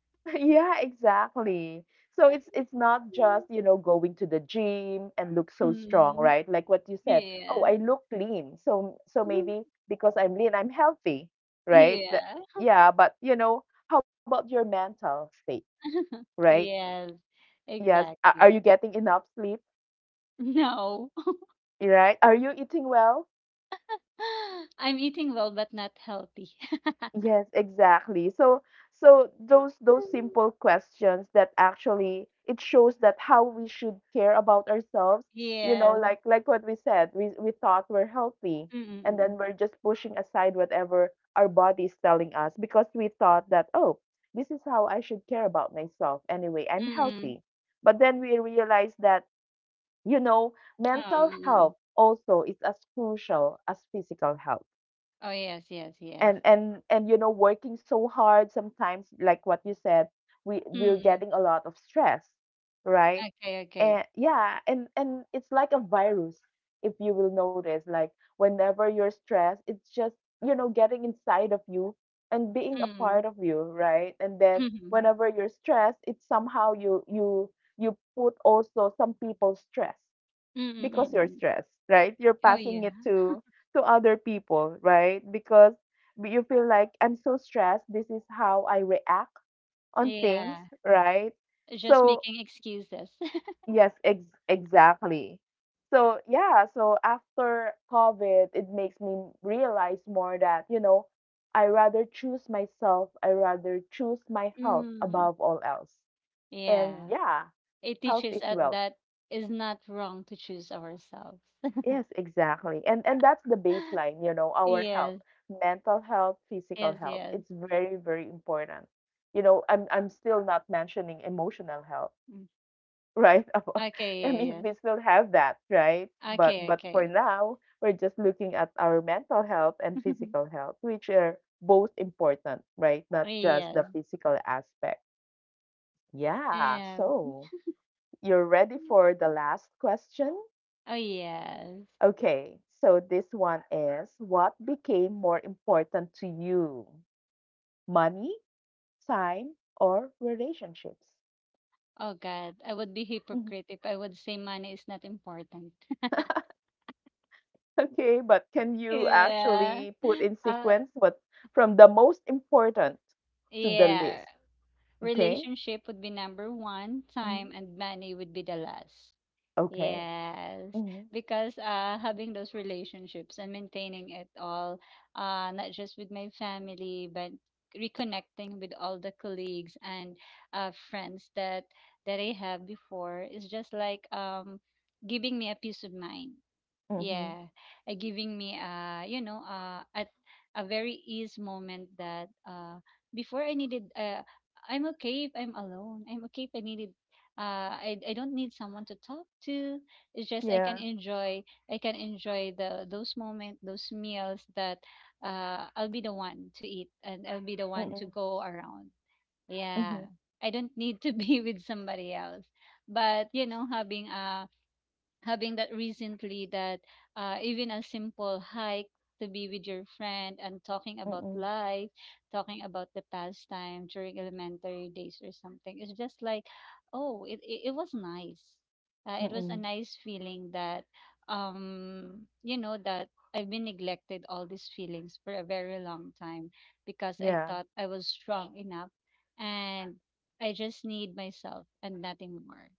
A: Yeah, exactly. So it's it's not just, you know, going to the gym and look so strong,
B: Mm,
A: right? Like what you said, oh,
B: yes.
A: I look lean. So so maybe because I'm lean, I'm healthy, right? That,
B: Yeah.
A: yeah, but you know, how about your mental state, right?
B: Yes,
A: Yes, are you
B: exactly.
A: getting enough sleep,
B: No.
A: right? Are you eating well?
B: I'm eating well but not healthy.
A: Yes, exactly. So, so those simple questions that actually it shows that how we should care about ourselves, you know,
B: Yes.
A: like what we said, we thought we're healthy
B: Mm,
A: and then
B: mm,
A: we're just pushing aside whatever our body is telling us because we thought that, oh, this is how I should care about myself. Anyway, I'm
B: mm. Mm.
A: healthy. But then we realize that, you know, mental
B: Um,
A: health also is as crucial as physical health.
B: oh yes, yes, yes.
A: And, you know, working so hard sometimes, like what you said, we're
B: Mm,
A: getting a lot of stress, right?
B: okay, okay.
A: And yeah, and it's like a virus. If you will notice, like, whenever you're stressed it's just, you know, getting inside of you and being a part
B: Mm,
A: of you, right? And then
B: mm,
A: whenever you're stressed it's somehow you you put also some people's stress
B: mm, mm,
A: because
B: mm.
A: you're
B: Mm.
A: stressed, right? You're
B: Oh
A: passing it
B: yeah.
A: to other people, right? Because you feel like I'm so stressed, this is how I react on things,
B: Yeah.
A: right?
B: Just
A: So,
B: making excuses.
A: yes, exactly. So, yeah, so after COVID, it makes me realize more that, you know, I rather choose myself, I rather choose my health
B: Mm,
A: above all else.
B: yeah,
A: And yeah,
B: it
A: health
B: teaches
A: is
B: us
A: wealth.
B: that it's not wrong to choose ourselves.
A: Yes, exactly. And that's the baseline, you know, our health,
B: Yes,
A: mental health, physical
B: yes,
A: health.
B: yes.
A: It's very, very important. You know, I'm still not mentioning emotional health,
B: Mm.
A: right? I
B: Okay,
A: mean,
B: yeah, yes.
A: we still have that, right? But
B: Okay,
A: but for
B: okay.
A: now, we're just looking at our mental health and physical health, which are both important, right? Not just
B: Yes,
A: the physical aspect. Yeah,
B: and
A: so you're ready for the last question?
B: oh yes.
A: Okay, so this one is, what became more important to you? Money, time, or relationships?
B: Oh God, I would be
A: Mhm.
B: hypocrite if I would say money is not important.
A: Okay, but can you
B: Yeah.
A: actually put in
B: Uh,
A: sequence what, from the most important to the
B: yeah.
A: least? Okay?
B: Relationship would be number one,
A: Mhm.
B: time and money would be the last.
A: Okay.
B: Yes,
A: hmm
B: because having those relationships and maintaining it all, not just with my family, but reconnecting with all the colleagues and friends that I have before is just like giving me a peace of mind.
A: hmm
B: Yeah, giving me you know at a very ease moment that before I needed I'm okay if I'm alone. I'm okay if I needed I don't need someone to talk to. It's just I can
A: Yeah.
B: enjoy I can enjoy the those moment those meals that I'll be the one to eat and I'll be the one
A: Mm-mm.
B: to go around. Yeah.
A: Mm-hmm.
B: I don't need to be with somebody else. But you know, having that recently that even a simple hike to be with your friend and talking about
A: Mm-mm.
B: life, talking about the pastime during elementary days or something. It's just like, oh, it was nice. It was a nice feeling that, you know, that I've been neglected all these feelings for a very long time because I
A: Yeah.
B: thought I was strong enough and I just need myself and nothing more.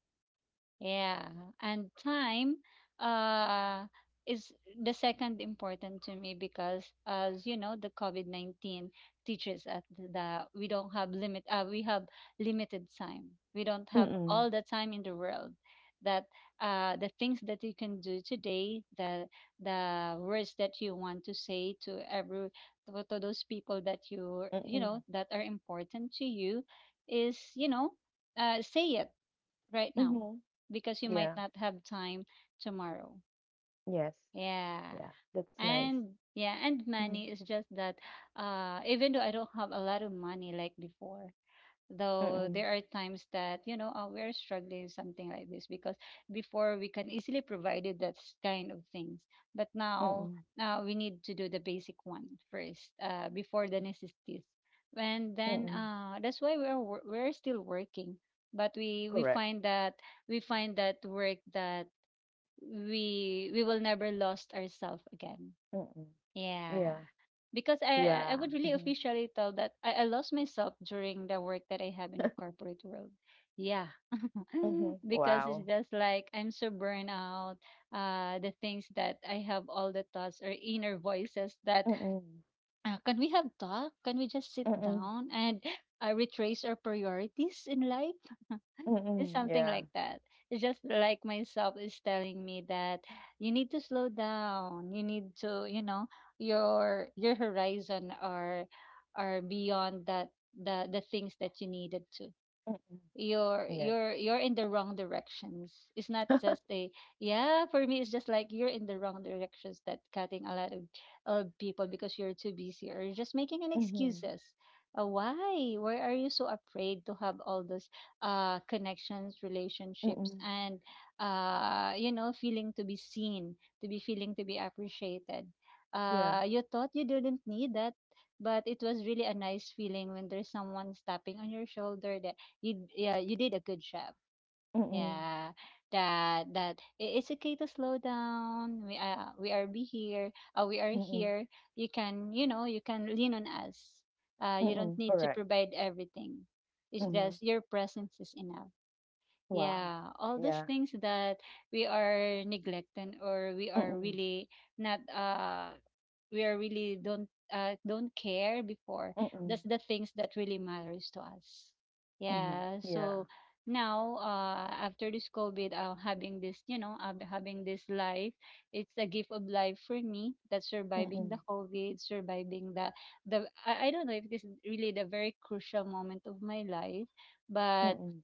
B: Yeah, and time uh is the second important to me because as you know, the COVID-19 teaches us that we don't have limit, we have limited time. We don't have
A: Mm-mm.
B: all the time in the world. That the things that you can do today, the words that you want to say to to those people that you know
A: Mm-mm.
B: that are important to you is, say it right now,
A: Mm-hmm.
B: because you might
A: Yeah.
B: not have time tomorrow.
A: Yes.
B: Yeah.
A: Yeah. That's nice.
B: And yeah, and
A: Mm-hmm.
B: money is just that even though I don't have a lot of money like before, though
A: Mm-mm.
B: there are times that you know we're struggling something like this because before we can easily provided that kind of things but now
A: Mm-mm.
B: we need to do the basic one first, before the necessities, and then
A: Mm.
B: that's why we're still working, but we
A: Correct.
B: find that we find that work that we will never lost ourselves again.
A: Mm.
B: Yeah.
A: Yeah.
B: Because I
A: Yeah.
B: would really
A: Mhm.
B: officially tell that I lost myself during the work that I have in the corporate world. Yeah.
A: Mhm.
B: Because it's
A: Wow.
B: just like I'm so burned out. The things that I have all the thoughts or inner voices that,
A: Mm.
B: can we have talk? Can we just sit
A: Mm.
B: down and retrace our priorities in life? It's
A: Mm.
B: something
A: Yeah.
B: like that. It's just like myself is telling me that you need to slow down. You need to, you know, your horizon are beyond that, the things that you needed to,
A: Mm.
B: you're
A: Yes.
B: you're you're in the wrong directions. It's not just a, yeah, for me it's just like you're in the wrong directions, that cutting a lot of people because you're too busy or you're just making an
A: Mhm.
B: excuses. Why are you so afraid to have all those connections, relationships,
A: Mm.
B: and you know feeling to be seen, to be feeling to be appreciated,
A: Yeah.
B: you thought you didn't need that, but it was really a nice feeling when there's someone tapping on your shoulder that, you, yeah, you did a good job.
A: Mm.
B: Yeah, that it's okay to slow down, we are be here, we are
A: Mm.
B: here, you can, you know, you can lean on us, you don't
A: Mm.
B: need to
A: Correct.
B: provide everything, it's
A: Mm-hmm.
B: just your presence is enough.
A: Wow.
B: Yeah, all those
A: Yeah.
B: things that we are neglecting or we are
A: Mm-mm.
B: really not, we are really don't, don't care before,
A: Mm-mm.
B: that's the things that really matters to us.
A: Mm-hmm.
B: Yeah,
A: Yeah.
B: so now after this covid, having this life, it's a gift of life for me, that surviving the
A: Mm-mm.
B: covid, surviving the, I don't know if this is really the very crucial moment of my life, but
A: Mm-mm.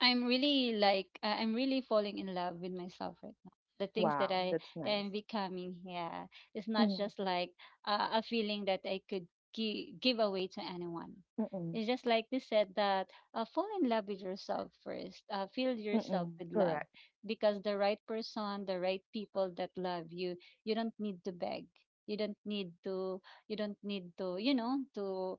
B: I'm really like, I'm really falling in love with myself right now. The things that
A: Wow. That's nice.
B: I'm becoming, here, it's not
A: Mm-mm.
B: just like a feeling that I could give away to anyone.
A: Mm-mm.
B: It's just like they said that, fall in love with yourself first. Fill yourself
A: Mm-mm.
B: with love,
A: Correct.
B: because the right person, the right people that love you, you don't need to beg. You don't need to. You don't need to. You know,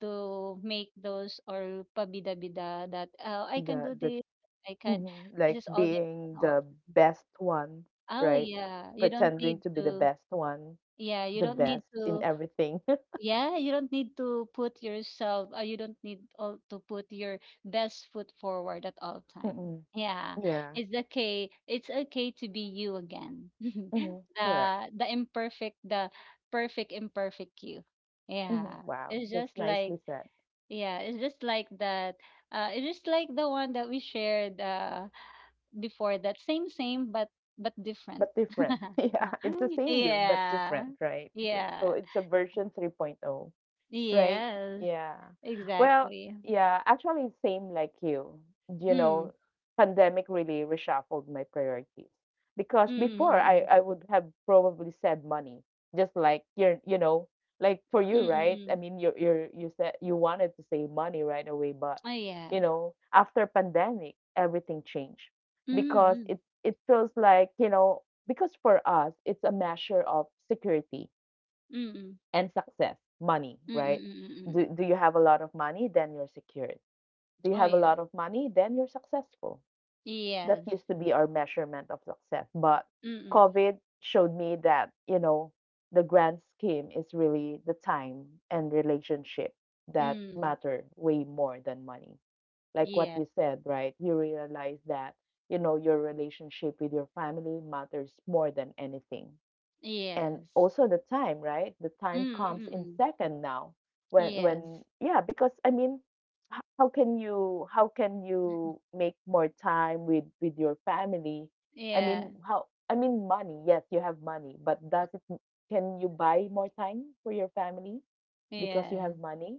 B: to make those or pabida-bida that oh, I can
A: The
B: do
A: the
B: this, I can.
A: Mhm, like
B: This is all that I can
A: being the
B: offer.
A: best one,
B: Oh
A: right?
B: yeah, you don't
A: Pretending
B: need
A: to be the
B: to.
A: best one,
B: Yeah, you
A: the
B: don't need
A: best in
B: to.
A: everything.
B: Yeah, you don't need to put yourself. You don't need all to put your best foot forward at all time.
A: Mm-mm.
B: Yeah,
A: Yeah.
B: it's okay. It's okay to be you again.
A: hmm
B: the
A: Correct.
B: the imperfect, the perfect imperfect you. Yeah,
A: Wow,
B: it's
A: that's
B: just
A: nicely
B: like,
A: said,
B: yeah, it's just like that. It's just like the one that we shared before. That same, same, but different.
A: but different. Yeah, it's the same you, but
B: Yeah,
A: different, right? Yeah, so
B: yeah,
A: it's a version 3.0. Right.
B: yes,
A: Yeah. Well,
B: exactly.
A: yeah, actually same like you. You
B: Mm,
A: know, pandemic really reshuffled my priorities because
B: mm,
A: before I
B: mm,
A: I would have probably said money, just like you're, you know, like for
B: mm,
A: you,
B: mm, mm.
A: right?
B: Mm.
A: I
B: Mm.
A: mean, you said you wanted to say money right away, but
B: Oh
A: you
B: yeah.
A: know, after pandemic, everything changed
B: Mm,
A: because
B: mm,
A: it feels like, you know, because for us, it's a measure of security
B: mm, mm,
A: and success, money,
B: mm, mm,
A: right?
B: mm, mm, mm.
A: Do, do you have a lot of money? Then you're secured. Do you
B: Oh
A: have a
B: yeah.
A: lot of money? Then you're successful. That
B: Yes.
A: used to be our measurement of success. But
B: Mm, mm,
A: COVID showed me that, you know, the grand scheme is really the time and relationship that
B: mm.
A: matter way more than money. Like what
B: Yeah.
A: you said, right? You realize that, you know, your relationship with your family matters more than anything, and
B: Yes.
A: also the time, right? The time
B: Mm, mm,
A: comes
B: mm,
A: in
B: mm.
A: second now. When,
B: Yes.
A: yeah, because I mean, how can you, how can you make more time with your family? I
B: Yeah.
A: mean how, I mean money, yes, you have money, but does it, can you buy more time for your family because
B: Yeah.
A: you have money?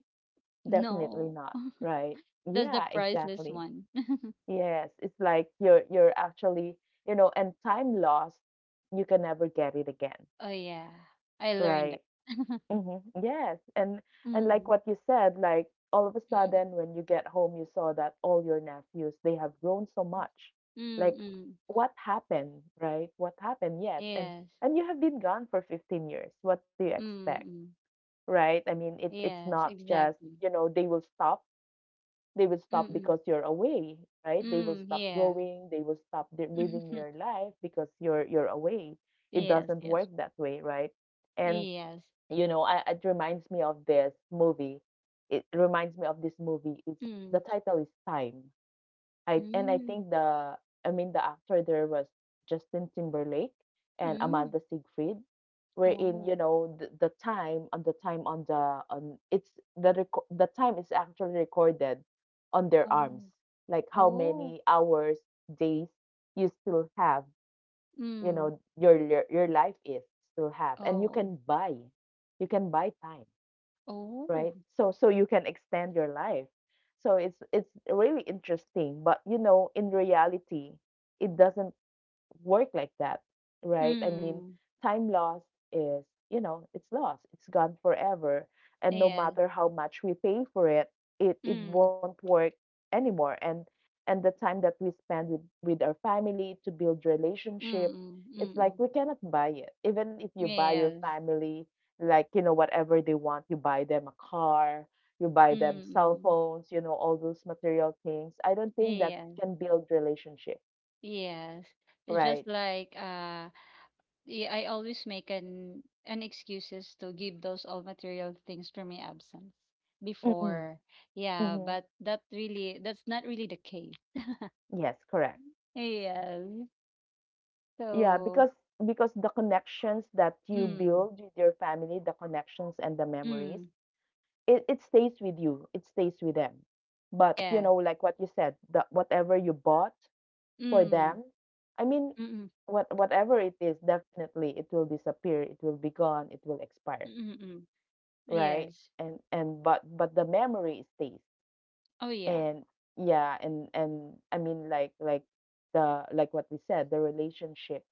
A: Definitely
B: No.
A: not, right?
B: That's the
A: Yeah,
B: priceless
A: exactly.
B: one.
A: Yes, it's like you're actually, you know, and time lost, you can never get it again,
B: Oh yeah, I learned
A: right?
B: that.
A: Mhm, yes, and like
B: Mm-mm.
A: what you said, like all of a
B: Mm-mm.
A: sudden when you get home, you saw that all your nephews, they have grown so much. Like
B: Mm-mm.
A: what happened, right? What happened? Yes.
B: Yes.
A: And you have been gone for 15 years. What do you expect,
B: Mm-mm.
A: right? I mean, it, it's
B: Yes,
A: not just,
B: exactly.
A: you know, they will stop. They will stop
B: Mm-mm.
A: because you're away, right? They will
B: Mm,
A: stop
B: yeah.
A: growing, they will stop their, living their life because you're away. It
B: Yes,
A: doesn't
B: yes.
A: work that way, right? And
B: Yes.
A: you know I, it reminds me of this movie it reminds me of this movie it's, the
B: Mm.
A: title is Time. I, and I
B: Mm.
A: think the, I mean, the actor there was Justin Timberlake and
B: Mm.
A: Amanda Siegfried, wherein, you
B: Oh.
A: know, the time on the time on the on it's, the time is actually recorded on their arms,
B: Oh.
A: like how
B: Oh.
A: many hours, days you still have, you
B: Mm.
A: know, your life is to have, and you
B: Oh.
A: can buy, you can buy time,
B: Oh.
A: right? So, so you can extend your life. So it's really interesting, but you know, in reality, it doesn't work like that, right? I mean,
B: Mm.
A: time lost is, you know, it's lost. It's gone forever. And no
B: Yes.
A: matter how much we pay for it, it, it
B: Mm.
A: won't work anymore. And the time that we spend with our family to build relationship,
B: Mm-mm.
A: it's
B: Mm-mm.
A: like we cannot buy it. Even if you buy your
B: Yes.
A: family, like, you know, whatever they want, you buy them a car, you buy them cell
B: Mm-mm.
A: phones, you know, all those material things. I don't think that
B: Yes.
A: can build relationship,
B: Yes, it's
A: right?
B: just like I always make an excuses to give those all material things for my absence before. Yeah,
A: Mhm.
B: but that really that's not really the case.
A: Yes, correct.
B: Yes.
A: Yeah,
B: So,
A: because the connections that you
B: mm,
A: build with your family, the connections and the memories,
B: mm,
A: it stays with you. It stays with them. But you
B: yeah,
A: know, like what you said, the whatever you bought for
B: mm,
A: them, I mean,
B: mm, mm,
A: what whatever it is, definitely it will disappear. It will be gone. It will expire,
B: mm, mm. Mm.
A: right?
B: Yes.
A: And, but the memory stays.
B: Oh yeah.
A: And yeah, and I mean, like the, like what we said, the relationship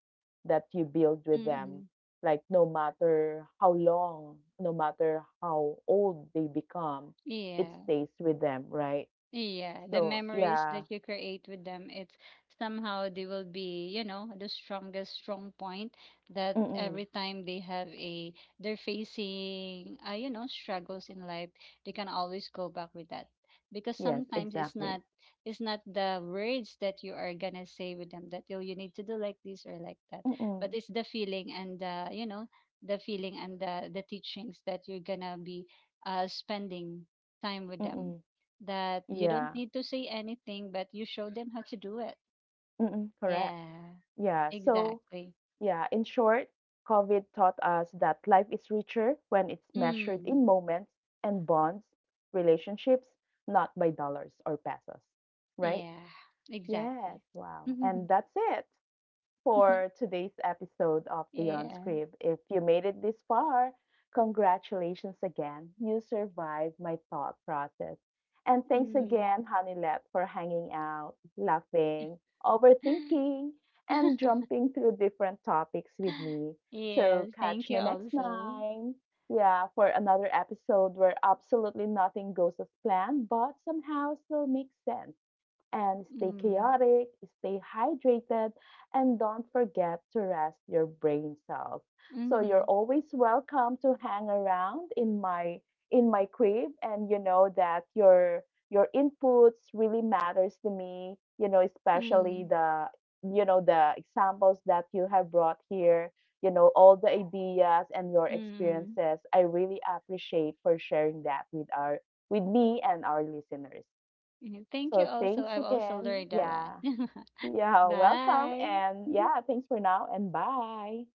A: that you build
B: Mm,
A: with them,
B: mm,
A: like no matter how long, no matter how old they become, it
B: yeah.
A: stays with them, right?
B: Yeah, the
A: So
B: memories
A: yeah,
B: that you create with them, it's somehow they will be, you know, the strongest strong point that
A: mm-mm.
B: every time they have a they're facing, you know, struggles in life, they can always go back with that. Because
A: Yes,
B: sometimes it's
A: exactly.
B: not, it's not the words that you are gonna say with them that you need to do like this or like that, but
A: Mm-mm.
B: it's the feeling and the, you know, the feeling and the teachings that you're gonna be spending time with them,
A: Mm-mm.
B: that you don't
A: Yeah.
B: need to say anything, but you show them how to do it.
A: Mm-mm. Correct.
B: Yeah,
A: Yeah, so
B: exactly.
A: yeah, in short, COVID taught us that life is richer when it's measured
B: Mm,
A: in moments and bonds, relationships, not by dollars or pesos. Right?
B: yeah,
A: Yes,
B: exactly.
A: wow. And that's it for today's episode of The
B: Yeah.
A: Unscript. If you made it this far, congratulations again. You survived my thought process. And thanks
B: Mm.
A: again, Honey Lab, for hanging out, laughing, overthinking, and jumping through different topics with me.
B: Yes,
A: So
B: thank
A: catch
B: you
A: me next
B: also.
A: time. Yeah, for another episode where absolutely nothing goes as planned, but somehow still makes sense. And stay
B: Mm,
A: chaotic, stay hydrated, and don't forget to rest your brain cells. So you're
B: mm-hmm,
A: always welcome to hang around in my, in my crib, and you know that your inputs really matters to me, you know, especially
B: mm,
A: the, you know, the examples that you have brought here, you know, all the ideas and your
B: mm.
A: experiences. I really appreciate for sharing that with our, with me and our listeners.
B: Mm. Thank you
A: So
B: also.
A: thanks
B: I've also
A: again.
B: learned a lot.
A: Yeah. Yeah. Welcome.
B: Bye.
A: And yeah, thanks for now and bye.